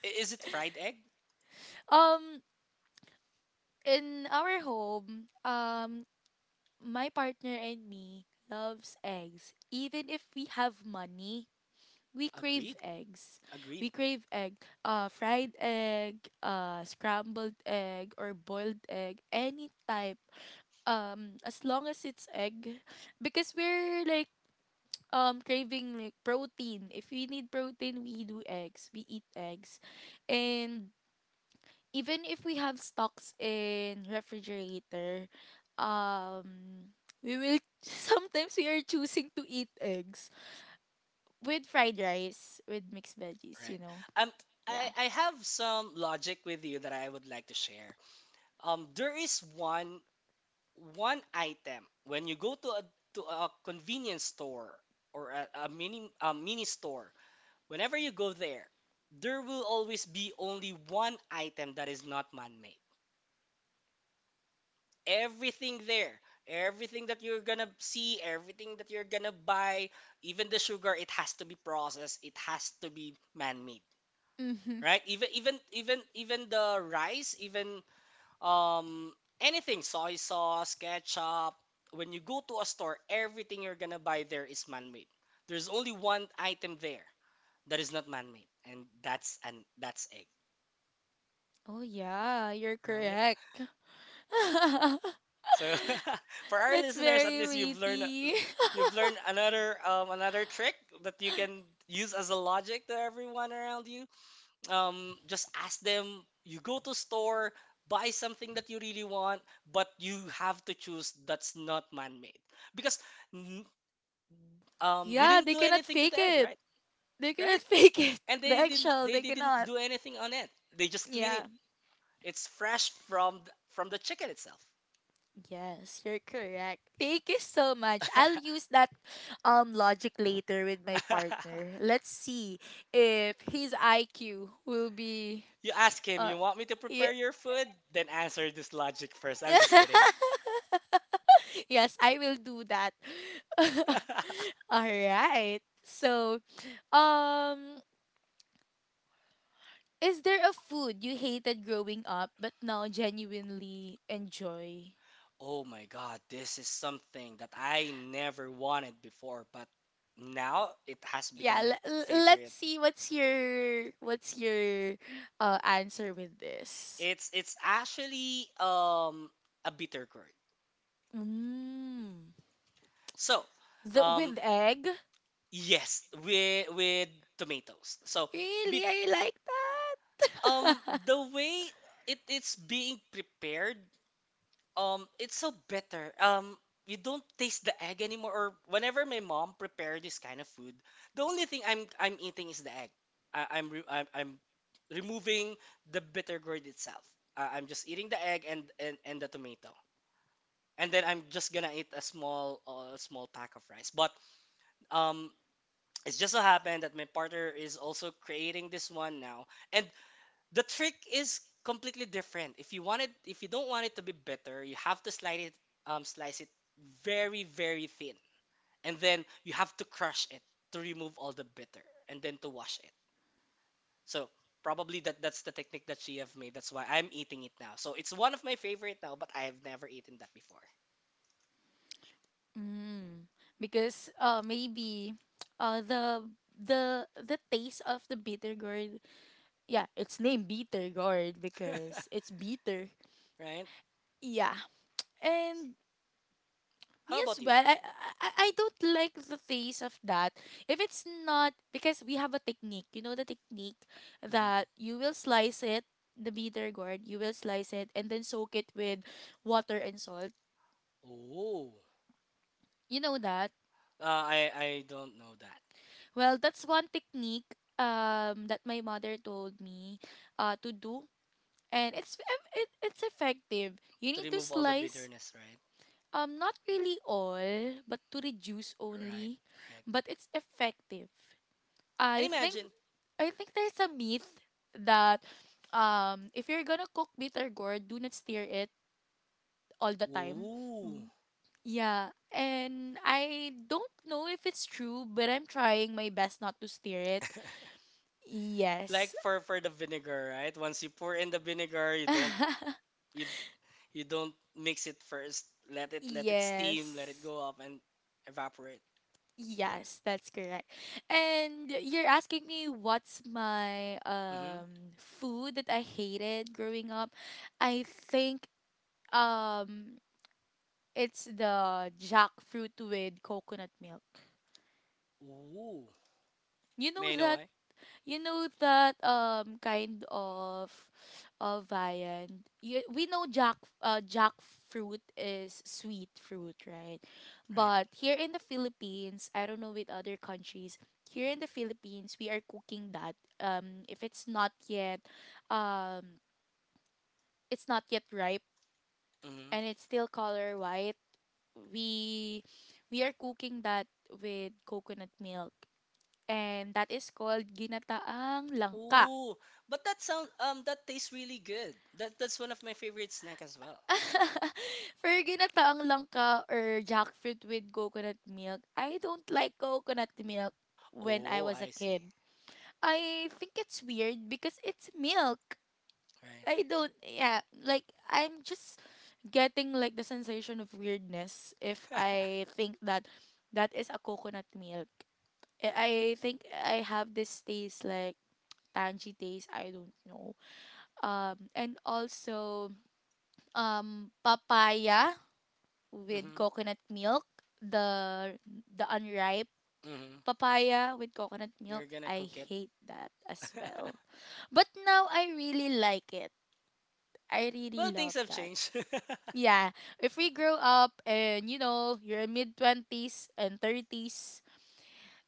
S2: Is it fried egg?
S1: Um in our home, my partner and me loves eggs, even if we have money we crave
S2: Agreed,
S1: eggs.
S2: agreed.
S1: We crave egg, fried egg, scrambled egg, or boiled egg, any type. As long as it's egg, because we're like craving like protein. If we need protein, we do eggs. We eat eggs, and even if we have stocks in refrigerator, um, we will sometimes we are choosing to eat eggs with fried rice with mixed veggies.
S2: Right.
S1: You know,
S2: Um, I
S1: yeah.
S2: I have some logic with you that I would like to share. There is one item when you go to a convenience store or a mini store. Whenever you go there, there will always be only one item that is not man-made. Everything there, everything that you're gonna see, everything that you're gonna buy, even the sugar, it has to be processed, it has to be man-made.
S1: Mm-hmm.
S2: Right, even the rice, even um anything, soy sauce, ketchup. When you go to a store, everything you're gonna buy there is man-made. There's only one item there that is not man-made, and that's egg,
S1: Oh yeah, you're
S2: right?
S1: correct.
S2: So for our
S1: That's
S2: listeners, at
S1: very
S2: least you've learned,
S1: meaty.
S2: you've learned another another trick that you can use as a logic to everyone around you. Just ask them. You go to store, buy something that you really want, but you have to choose that's not man-made, because n- we
S1: Yeah,
S2: didn't
S1: they
S2: do
S1: cannot
S2: anything to
S1: fake
S2: the egg,
S1: it.
S2: right?
S1: They
S2: Right?
S1: cannot fake it.
S2: And
S1: The
S2: they didn't
S1: eggshell,
S2: they
S1: they
S2: didn't
S1: cannot.
S2: do anything on it. They just clean it.
S1: Yeah.
S2: It's fresh from from the chicken itself.
S1: Yes, you're correct. Thank you so much. I'll use that logic later with my partner. Let's see if his IQ will be
S2: You ask him,
S1: uh
S2: you want me to prepare
S1: yeah.
S2: your food? Then answer this logic first. I'm just kidding.
S1: Yes, I will do that. All right. So, um, is there a food you hated growing up but now genuinely enjoy?
S2: Oh my God, this is something that I never wanted before, but now it has
S1: Yeah,
S2: become my
S1: let's
S2: favorite.
S1: see what's your answer with this.
S2: It's it's actually a bitter gourd.
S1: Mm.
S2: So,
S1: The
S2: um
S1: with egg?
S2: yes, with tomatoes. So,
S1: Really?
S2: bef
S1: I like that.
S2: the way it's being prepared, it's so bitter, you don't taste the egg anymore. Or whenever my mom prepare this kind of food, the only thing I'm eating is the egg. I, I'm re- I'm removing the bitter gourd itself. I'm just eating the egg, and the tomato, and then I'm just gonna eat a small small pack of rice. But um it just so happened that my partner is also creating this one now, and the trick is completely different. If you want it, if you don't want it to be bitter, you have to slice it very, very thin, and then you have to crush it to remove all the bitter, and then to wash it. So probably that's the technique that she have made. That's why I'm eating it now. So it's one of my favorite now, but I have never eaten that before,
S1: Mm. Because maybe uh the the taste of the bitter gourd. Yeah, it's named Bitter Gourd because it's bitter.
S2: right?
S1: Yeah. And me
S2: How
S1: as
S2: about you?
S1: well, I don't like the taste of that. If it's not because we have a technique, you know the technique that
S2: Hmm.
S1: you will slice it, the bitter gourd, you will slice it and then soak it with water and salt.
S2: Oh,
S1: You know that?
S2: I don't know that.
S1: Well, that's one technique that my mother told me to do, and it's effective. You
S2: To
S1: need to
S2: remove all the
S1: slice.
S2: bitterness, right?
S1: Not really all, but to reduce
S2: Right,
S1: only,
S2: right.
S1: but it's effective.
S2: And
S1: I think
S2: imagine,
S1: I think there's a myth that if you're gonna cook bitter gourd, do not stir it all the time.
S2: ooh.
S1: Mm, yeah, and I don't know if it's true, but I'm trying my best not to stir it.
S2: Like
S1: Yes.
S2: for the vinegar, right? Once you pour in the vinegar, you don't, you you don't mix it first. Let it, let it steam, let it
S1: yes.
S2: go up and evaporate.
S1: Yes, that's correct. And you're asking me what's my
S2: Mm-hmm.
S1: food that I hated growing up. I think um it's the jackfruit with coconut milk.
S2: Ooh,
S1: You know
S2: may I know
S1: that.
S2: why?
S1: You know that kind of viand. You, we know jackfruit is sweet fruit, right?
S2: Right.
S1: But here in the Philippines, I don't know with other countries. Here in the Philippines, we are cooking that. If it's not yet, um, it's not yet ripe
S2: Mm-hmm.
S1: and it's still color white. We we are cooking that with coconut milk, and that is called ginataang langka.
S2: Ooh, but that sounds that tastes really good. That that's one of my favorite snack as well.
S1: For ginataang langka or jackfruit with coconut milk, I don't like coconut milk when I
S2: Oh,
S1: was a
S2: I see.
S1: kid. I think it's weird because it's milk.
S2: Right.
S1: I don't, yeah, like I'm just getting like the sensation of weirdness if I think that that is a coconut milk. I think I have this taste like tangy taste, I don't know. And also papaya with
S2: Mm-hmm.
S1: coconut milk, the the unripe
S2: Mm-hmm.
S1: papaya with coconut milk.
S2: You're gonna
S1: I
S2: cook it.
S1: hate that as well. But now I really like it. I
S2: Well,
S1: really
S2: things
S1: love
S2: have
S1: that.
S2: changed.
S1: Yeah, if we grow up and you're mid 20s and 30s,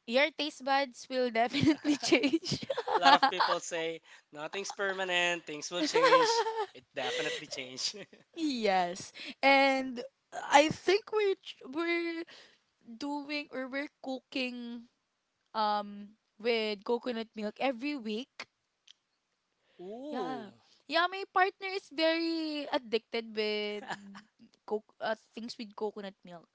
S1: your taste buds will definitely change.
S2: A lot of people say nothing's permanent, things will change. It definitely changed.
S1: yes. And I think we're doing or we're cooking um with coconut milk every week.
S2: Ooh.
S1: Yeah. Yeah, my partner is very addicted with things with coconut milk.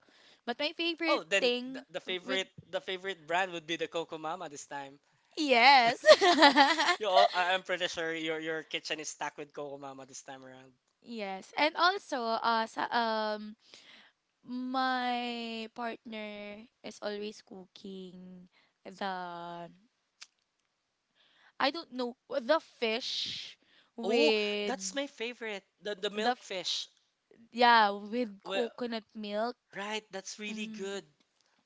S1: But my favorite
S2: Oh, then
S1: thing
S2: the
S1: with
S2: favorite, the favorite brand would be the Coco Mama this time.
S1: yes.
S2: You all, I'm pretty sure your kitchen is stacked with Coco Mama this time around.
S1: yes. And also my partner is always cooking the I don't know the fish
S2: Oh,
S1: with
S2: that's my favorite. The
S1: the f-
S2: milkfish.
S1: yeah with
S2: Well,
S1: coconut milk.
S2: right, that's really
S1: Mm,
S2: good.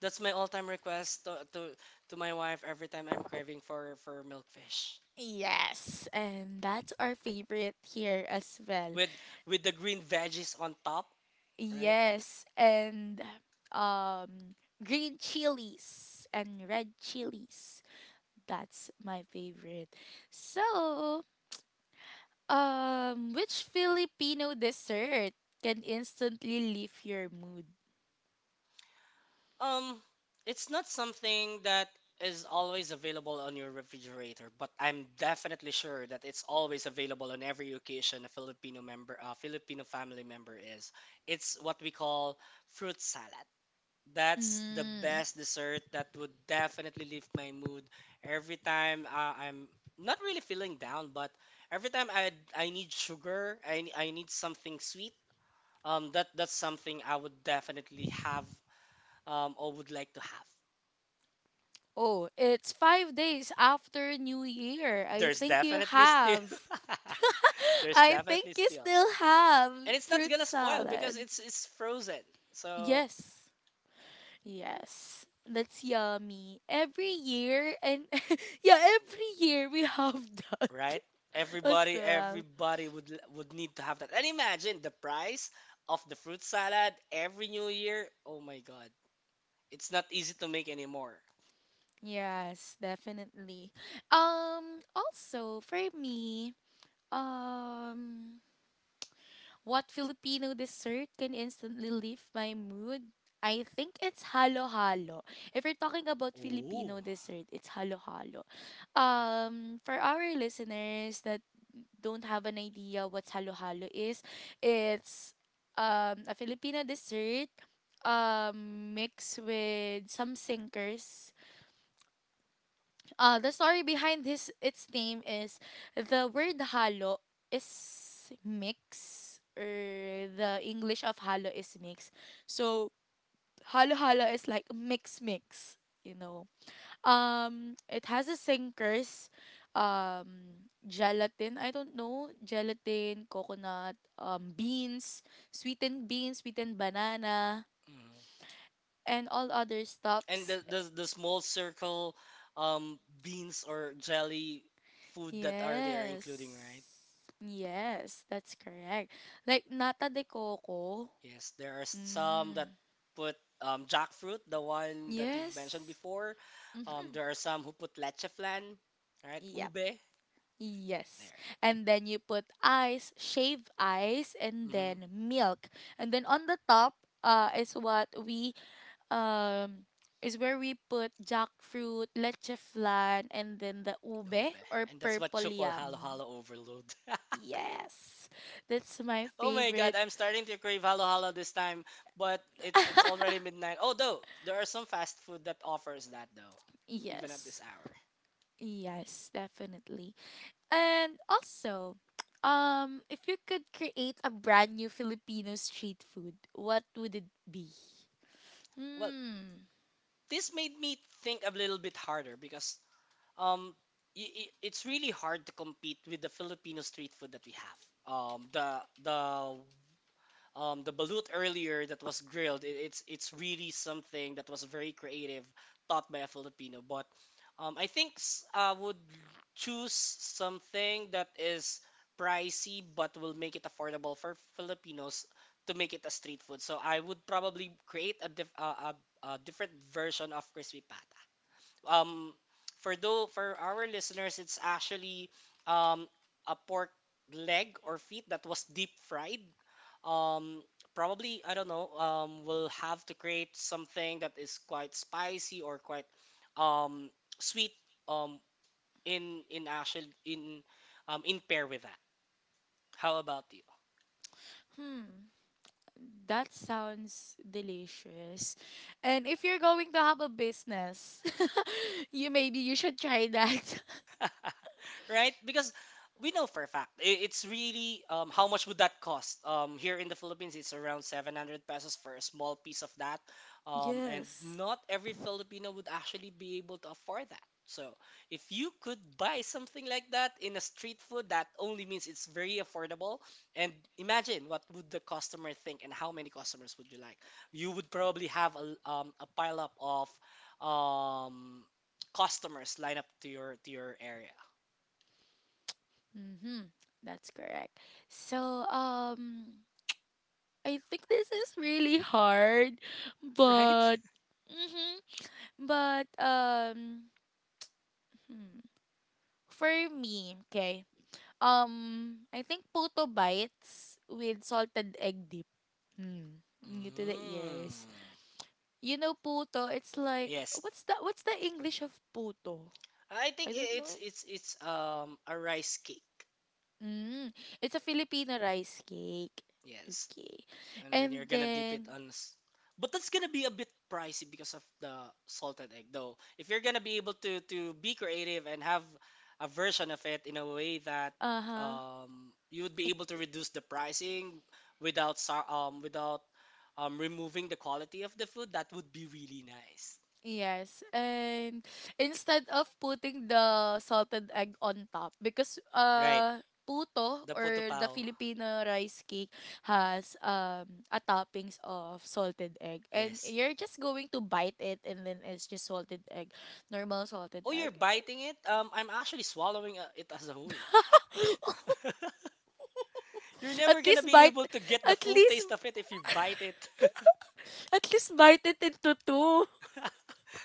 S2: That's my all-time request to my wife every time I'm craving for milkfish.
S1: yes, and that's our favorite here as well.
S2: with with the green veggies on top, right?
S1: Yes, and um green chilies and red chilies. That's my favorite. So, which Filipino dessert can instantly lift your mood?
S2: Um, it's not something that is always available on your refrigerator, but I'm definitely sure that it's always available on every occasion a Filipino member, a Filipino family member is. It's what we call fruit salad. That's the
S1: Mm.
S2: best dessert that would definitely lift my mood every time I'm not really feeling down, but every time I need sugar, I need something sweet. That that's something I would definitely have, or would like to have.
S1: Oh, it's 5 days after New Year. I
S2: There's
S1: think you
S2: definitely still.
S1: have.
S2: There's
S1: I think
S2: definitely
S1: you
S2: still.
S1: still have
S2: And it's not
S1: fruit
S2: gonna spoil because
S1: salad.
S2: it's frozen. So,
S1: Yes. Yes. That's yummy. Every year and yeah, every year we have that
S2: right?
S1: as
S2: Everybody,
S1: well.
S2: everybody would would need to have that. And imagine the price of the fruit salad every new year. Oh my God. It's not easy to make anymore.
S1: Yes, definitely. Also for me, um what Filipino dessert can instantly lift my mood? I think it's halo-halo. If we're talking about
S2: Oh.
S1: Filipino dessert, it's halo-halo.
S2: Right.
S1: For our listeners that don't have an idea what halo-halo is, it's a Filipina dessert mixed with some sinkers. The story behind this its name is the word halo is mix or the English of halo is mix. So halo-halo is like mix, mix, you know. It has a sinkers, gelatin. I don't know gelatin, coconut, beans, sweetened banana,
S2: Mm.
S1: and all other
S2: And
S1: stuffs.
S2: the small circle beans or jelly food that are there including,
S1: Yes,
S2: right?
S1: yes, that's correct. Like nata de coco.
S2: Yes, there are some that
S1: Mm.
S2: put jackfruit, the one that you've mentioned
S1: Yes.
S2: before, there are some who put leche flan, right,
S1: Yep.
S2: ube there.
S1: Yes. And then you put ice, shaved ice, and
S2: Mm-hmm,
S1: then milk. And then on the top uh, is what we um is where we put jackfruit, leche flan, and then the
S2: the
S1: ube
S2: ube,
S1: or
S2: and that's what
S1: purple
S2: you call halo
S1: yam.
S2: halo overload.
S1: Yes. That's my
S2: Oh my God,
S1: favorite.
S2: I'm starting to crave halo halo this time, but it's already midnight, although there are some fast food that offers that though, even at this
S1: Yes.
S2: hour.
S1: Yes, definitely. And also, if you could create a brand new Filipino street food, what would it be?
S2: Well,
S1: Hmm.
S2: this made me think a little bit harder because um it's really hard to compete with the Filipino street food that we have. The the balut earlier that was grilled. It's really something that was very creative, thought by a Filipino. But I think I would choose something that is pricey but will make it affordable for Filipinos to make it a street food. So I would probably create a a different version of crispy pata, um for though for our listeners, it's actually um a pork leg or feet that was deep fried. um Probably I don't know, we'll have to create something that is quite spicy or quite um sweet, um in actual in pair with that. How about you?
S1: Hmm. That sounds delicious. And if you're going to have a business, you maybe you should try that.
S2: Right? Because we know for a fact, it's really how much would that cost? Here in the Philippines, it's around 700 pesos for a small piece of that, and
S1: Yes.
S2: not every Filipino would actually be able to afford that. So if you could buy something like that in a street food, that only means it's very affordable. And imagine what would the customer think and how many customers would you like? You would probably have a, a pile up of um, customers line up to your area.
S1: Mm-hmm. That's correct. So, I think this is really hard,
S2: Right?
S1: but, mm-hmm. But, hmm, for me, okay, I think puto bites with salted egg dip. Hmm. New to the ears.
S2: Mm.
S1: You know puto, it's like
S2: Yes.
S1: what's the English of puto?
S2: I think
S1: I don't know
S2: it's
S1: it.
S2: it's a rice cake.
S1: Mm, it's a Filipino rice cake.
S2: Yes.
S1: Okay.
S2: And then you're
S1: And
S2: gonna dip it
S1: then
S2: on but that's gonna be a bit pricey because of the salted egg though. If you're gonna be able to be creative and have a version of it in a way that
S1: uh-huh.
S2: you would be
S1: It,
S2: able to reduce the pricing without without removing the quality of the food, that would be really nice.
S1: yes. And instead of putting the salted egg on top because
S2: Right.
S1: puto
S2: The puto
S1: or the
S2: pao.
S1: Filipino rice cake has a toppings of salted egg and
S2: Yes.
S1: you're just going to bite it and then it's just salted egg normal salted
S2: Oh, you're
S1: egg.
S2: biting it? I'm actually swallowing it as a whole. You're
S1: At
S2: never gonna
S1: least
S2: be
S1: bite,
S2: able to get the
S1: at
S2: full
S1: least,
S2: taste of it if you bite it.
S1: at least bite it into two.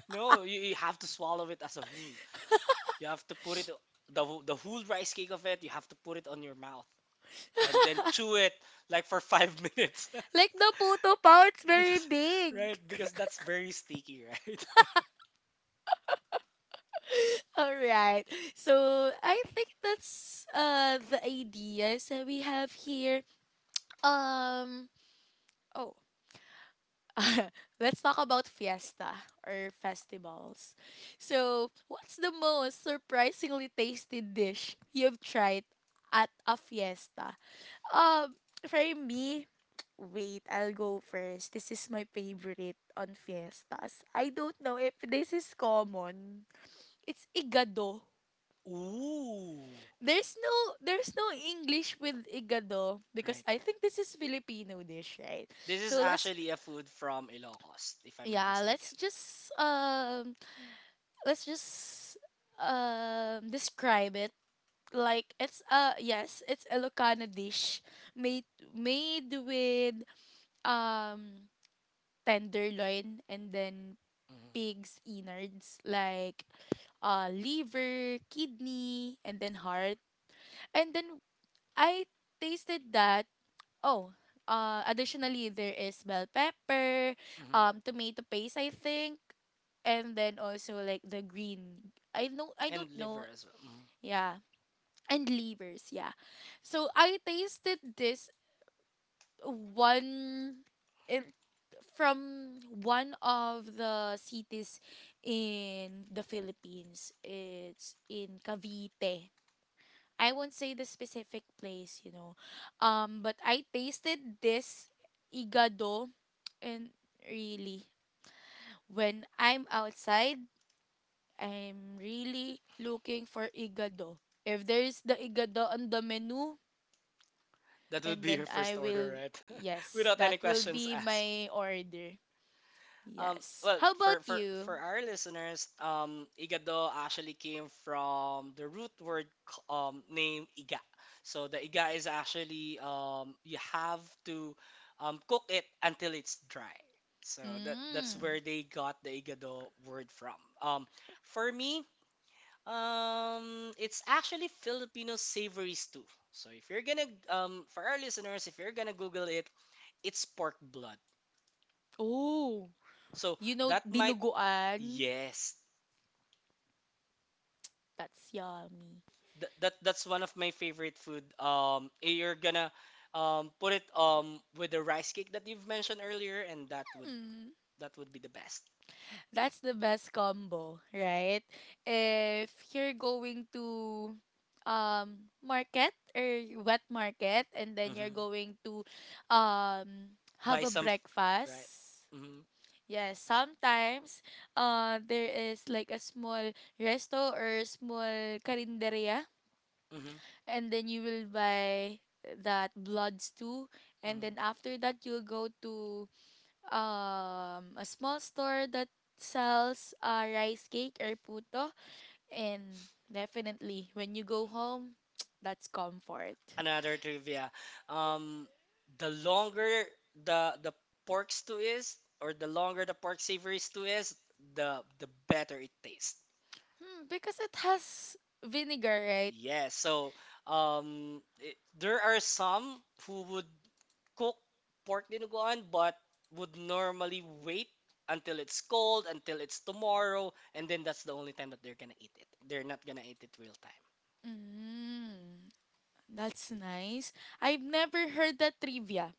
S2: No, you have to swallow it as a whole. You have to put it, the whole rice cake of it. You have to put it on your mouth and then chew it like for five minutes.
S1: Like the puto pao, it's very
S2: Because right
S1: big.
S2: because that's very sticky, right?
S1: All right. So I think that's the ideas that we have here. Um oh let's talk about fiesta or festivals. So what's the most surprisingly tasty dish you've tried at a fiesta? Um, for me, wait, I'll go first. This is my favorite on fiestas. I don't know if this is common. It's igado.
S2: Ooh,
S1: There's no English with igado because
S2: right.
S1: I think this is Filipino dish, right?
S2: This is
S1: So
S2: actually a food from Ilocos, if I'm not
S1: yeah,
S2: mistaken.
S1: let's just um let's just describe it like it's yes, it's a Ilocano dish made with um tenderloin and then
S2: Hmm.
S1: pig's innards like liver, kidney, and then heart. And then I tasted that. Oh, uh, additionally there is bell pepper,
S2: Hmm.
S1: tomato paste I think, and then also like the green. I know I
S2: And
S1: don't
S2: liver
S1: know.
S2: as well. Mm-hmm.
S1: Yeah. And livers, yeah. So I tasted this one from one of the cities in the Philippines. It's in Cavite. I won't say the specific place, you know. But I tasted this igado and really when I'm outside, I'm really looking for igado. If there's the igado on the menu,
S2: That would
S1: and
S2: be
S1: then
S2: your
S1: I
S2: first order,
S1: will,
S2: right?
S1: yes,
S2: Without
S1: that
S2: any
S1: will
S2: questions
S1: be
S2: asked.
S1: my order. Yes.
S2: Well,
S1: How about you?
S2: for our listeners, igado actually came from the root word name iga. So the iga is actually you have to cook it until it's dry. So that that's where
S1: Mm.
S2: they got the igado word from. For me, it's actually Filipino savory stew. So if you're gonna for our listeners, if you're gonna Google it, it's pork blood.
S1: Oh,
S2: So
S1: you know,
S2: that might,
S1: dinuguan.
S2: yes.
S1: That's yummy.
S2: That, that that's one of my favorite food. You're gonna put it with the rice cake that you've mentioned earlier and that would,
S1: Mm.
S2: that would be the best.
S1: That's the best combo, right? If you're going to market or wet market and then
S2: Mhm.
S1: you're going to have a
S2: Right.
S1: breakfast.
S2: Mhm.
S1: Yes, sometimes there is like a small resto or small karinderia
S2: Mhm.
S1: and then you will buy that bloods too and
S2: Mhm.
S1: then after that you'll go to a small store that sells, rice cake or puto and definitely when you go home that's comfort.
S2: Another trivia. Um the longer the pork stew is, or the longer the pork savory stew is, the better it tastes.
S1: Hmm, because it has vinegar, right.
S2: Yeah, so there are some who would cook pork dinuguan but would normally wait until it's cold, until it's tomorrow, and then that's the only time that they're gonna eat it. They're not gonna eat it real time.
S1: Mm, that's nice. I've never heard that trivia.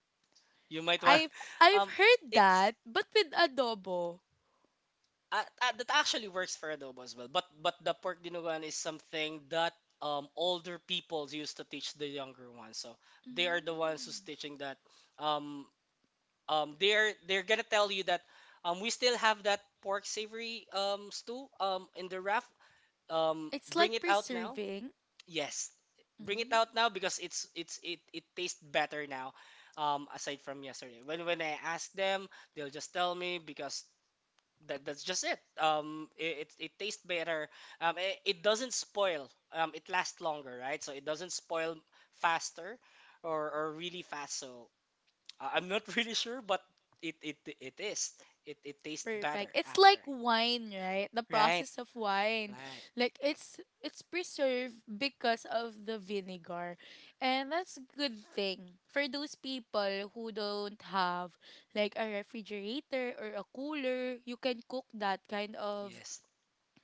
S2: You might want,
S1: i've I've
S2: um,
S1: heard
S2: it's
S1: that but with adobo.
S2: that actually works for adobo as well. But the pork dinuguan is something that older people used to teach the younger ones. So they are the ones who's
S1: Mm.
S2: teaching that um um, they're gonna tell you that we still have that pork savory, stew in the raft.
S1: It's
S2: Bring
S1: like
S2: it out now.
S1: preserving.
S2: Yes, bring it
S1: Mm.
S2: out now because it tastes better now. Aside from yesterday, when I ask them, they'll just tell me because that's just it. It tastes better. It doesn't spoil. It lasts longer, right? So it doesn't spoil faster or really fast. So I'm not really sure, but it is. It tastes better
S1: Perfect. It's
S2: after.
S1: like wine, right? The
S2: Right?
S1: process of wine.
S2: Right.
S1: Like it's preserved because of the vinegar. And that's a good thing for those people who don't have like a refrigerator or a cooler, you can cook that kind of
S2: Yes.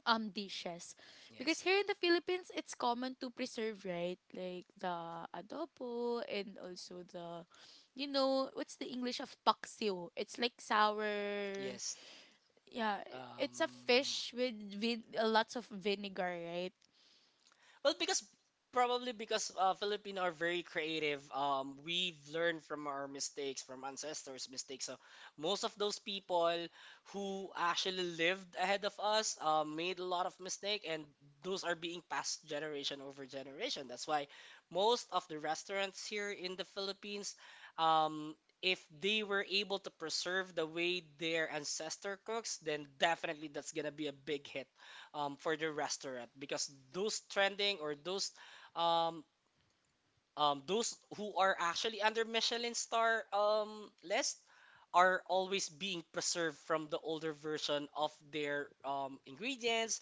S1: dishes. Because
S2: Yes.
S1: here in the Philippines, it's common to preserve, right? Like the adobo and also the, you know, what's the English of paksiw? It's like sour.
S2: Yes.
S1: Yeah, it's a
S2: Um.
S1: fish with lots of vinegar, right?
S2: Well, because probably because Filipino are very creative. We've learned from our mistakes, from ancestors' mistakes. So most of those people who actually lived ahead of us made a lot of mistake, and those are being passed generation over generation. That's why most of the restaurants here in the Philippines, um, if they were able to preserve the way their ancestor cooks, then definitely that's gonna be a big hit for the restaurant because those trending or um, those who are actually under Michelin star list are always being preserved from the older version of their ingredients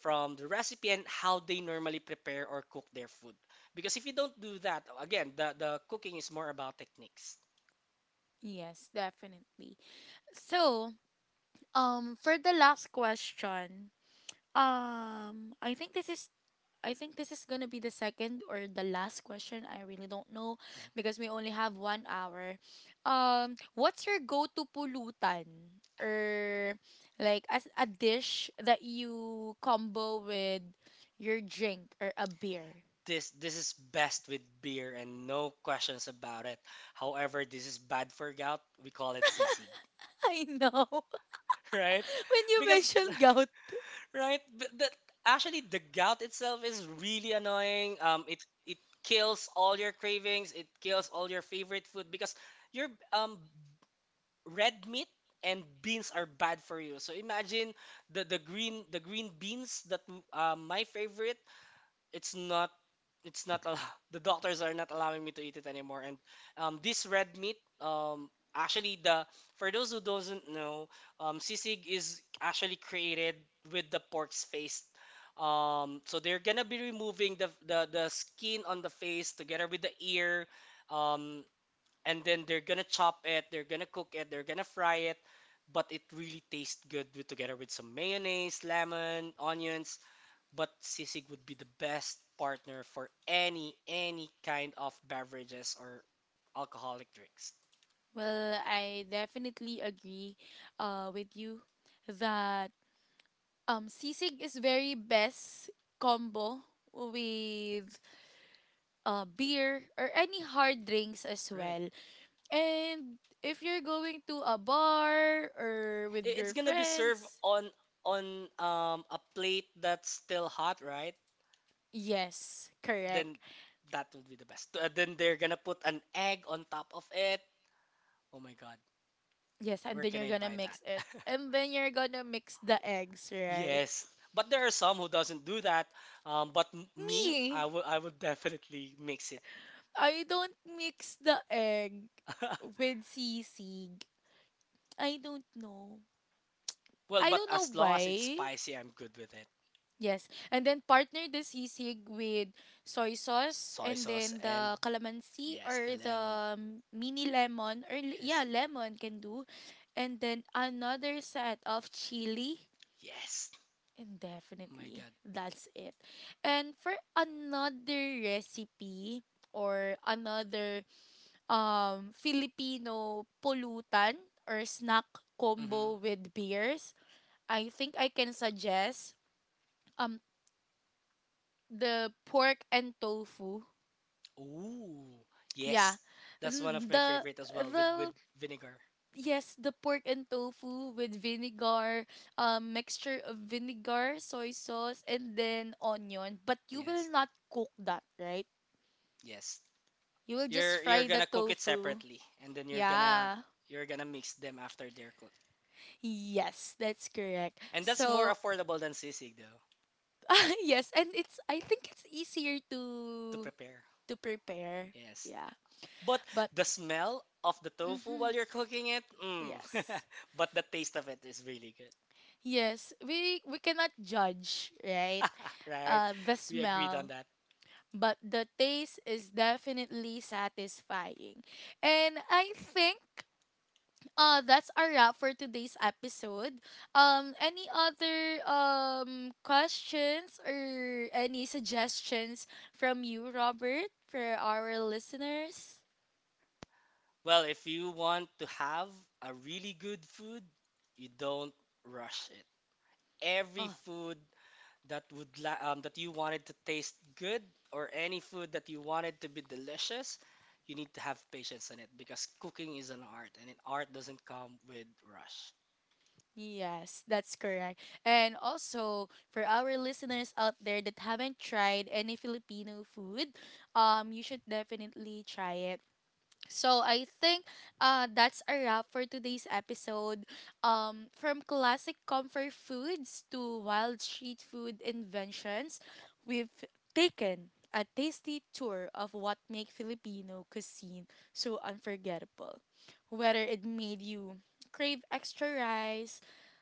S2: from the recipe and how they normally prepare or cook their food because if you don't do that again the cooking is more about techniques.
S1: Yes, definitely. So, for the last question, um, I think this is I think this is gonna be the second or the last question. I really don't know
S2: Mhm.
S1: because we only have 1 hour. What's your go-to pulutan or like as a dish that you combo with your drink or a beer?
S2: This is best with beer, and no questions about it. However, this is bad for gout, we call it cc.
S1: I know.
S2: Right?
S1: When you
S2: Because
S1: mentioned gout.
S2: right, th- that actually the gout itself is really annoying. It kills all your cravings. It kills all your favorite food because your red meat and beans are bad for you. So imagine the green beans that my favorite, it's not, it's not al- the doctors are not allowing me to eat it anymore. And this red meat, actually the, for those who doesn't know, sisig is actually created with the pork's face. So they're gonna be removing the skin on the face together with the ear, um and then they're gonna chop it, they're gonna cook it, they're gonna fry it, but it really tastes good with, together with some mayonnaise, lemon, onions. But sisig would be the best partner for any kind of beverages or alcoholic drinks.
S1: Well, I definitely agree, with you that, sisig is very best combo with, beer or any hard drinks as
S2: Right.
S1: well. And if you're going to a bar or with
S2: It's
S1: your
S2: gonna be served
S1: friends,
S2: on on a plate that's still hot, right?
S1: yes, correct.
S2: Then that would be the best. Then they're gonna put an egg on top of it. Oh my god,
S1: Yes, and
S2: where
S1: then
S2: can
S1: you're
S2: I
S1: gonna
S2: buy
S1: mix
S2: that?
S1: it. And then you're gonna mix the eggs, right?
S2: Yes, but there are some who doesn't do that. But me,
S1: Me!
S2: I will definitely mix it.
S1: I don't mix the egg with sisig. I don't know.
S2: Well,
S1: I
S2: but
S1: don't know
S2: as long as it's
S1: why.
S2: spicy, I'm good with it.
S1: Yes. And then partner the sisig with soy sauce
S2: Soy
S1: and
S2: sauce,
S1: then
S2: and
S1: the calamansi
S2: yes, the
S1: or
S2: lemon.
S1: the, mini lemon or yeah,
S2: Yes,
S1: lemon can do. And then another set of chili.
S2: yes.
S1: And
S2: Oh my
S1: definitely
S2: God.
S1: that's it. And for another recipe or another, Filipino pulutan or snack
S2: Mm-hmm.
S1: combo with beers, I think I can suggest um the pork and tofu.
S2: Ooh,
S1: Yeah.
S2: yes. That's one
S1: N-
S2: of my favorite as well with
S1: The
S2: vinegar.
S1: Yes, the pork and tofu with vinegar, mixture of vinegar, soy sauce and then onion, but you will
S2: Yes,
S1: not cook that, right?
S2: yes.
S1: You will just
S2: You're
S1: fry the
S2: gonna cook it
S1: tofu.
S2: separately, and then
S1: Yeah.
S2: you're gonna mix them after they're cooked.
S1: Yes, that's correct.
S2: And that's more
S1: So,
S2: affordable than sisig though
S1: yes, and it's, I think it's easier
S2: to
S1: to
S2: prepare.
S1: to prepare.
S2: Yes.
S1: Yeah.
S2: But
S1: But
S2: the smell of the tofu while
S1: mhm,
S2: you're cooking it, mm.
S1: yes.
S2: But the taste of it is really good.
S1: Yes, we cannot judge, right?
S2: Right?
S1: Uh, the
S2: We agreed on
S1: smell,
S2: that.
S1: but the taste is definitely satisfying. And I think, that's a wrap for today's episode. Any other questions or any suggestions from you, Robert, for our listeners?
S2: Well, if you want to have a really good food, you don't rush it. Every
S1: Oh.
S2: food that you wanted to taste good, or any food that you wanted to be delicious, you need to have patience in it because cooking is an art, and an art doesn't come with rush.
S1: Yes, that's correct. And also for our listeners out there that haven't tried any Filipino food, you should definitely try it. So I think, that's a wrap for today's episode. From classic comfort foods to wild street food inventions, we've taken a tasty tour of what make Filipino cuisine so unforgettable. Whether it made you crave extra rice,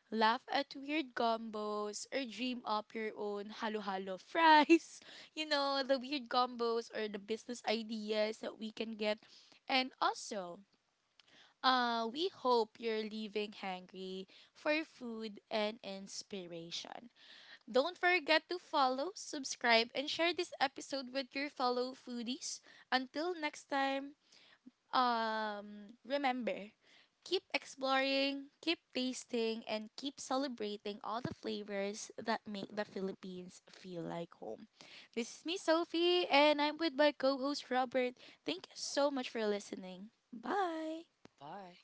S1: laugh at weird combos, or dream up your own halo-halo fries. You know, the weird combos or the business ideas that we can get, and also, we hope you're leaving hungry for food and inspiration. Don't forget to follow, subscribe, and share this episode with your fellow foodies. Until next time, remember, keep exploring, keep tasting, and keep celebrating all the flavors that make the Philippines feel like home. This is me, Sophie, and I'm with my co host, Robert. Thank you so much for listening. Bye.
S2: Bye.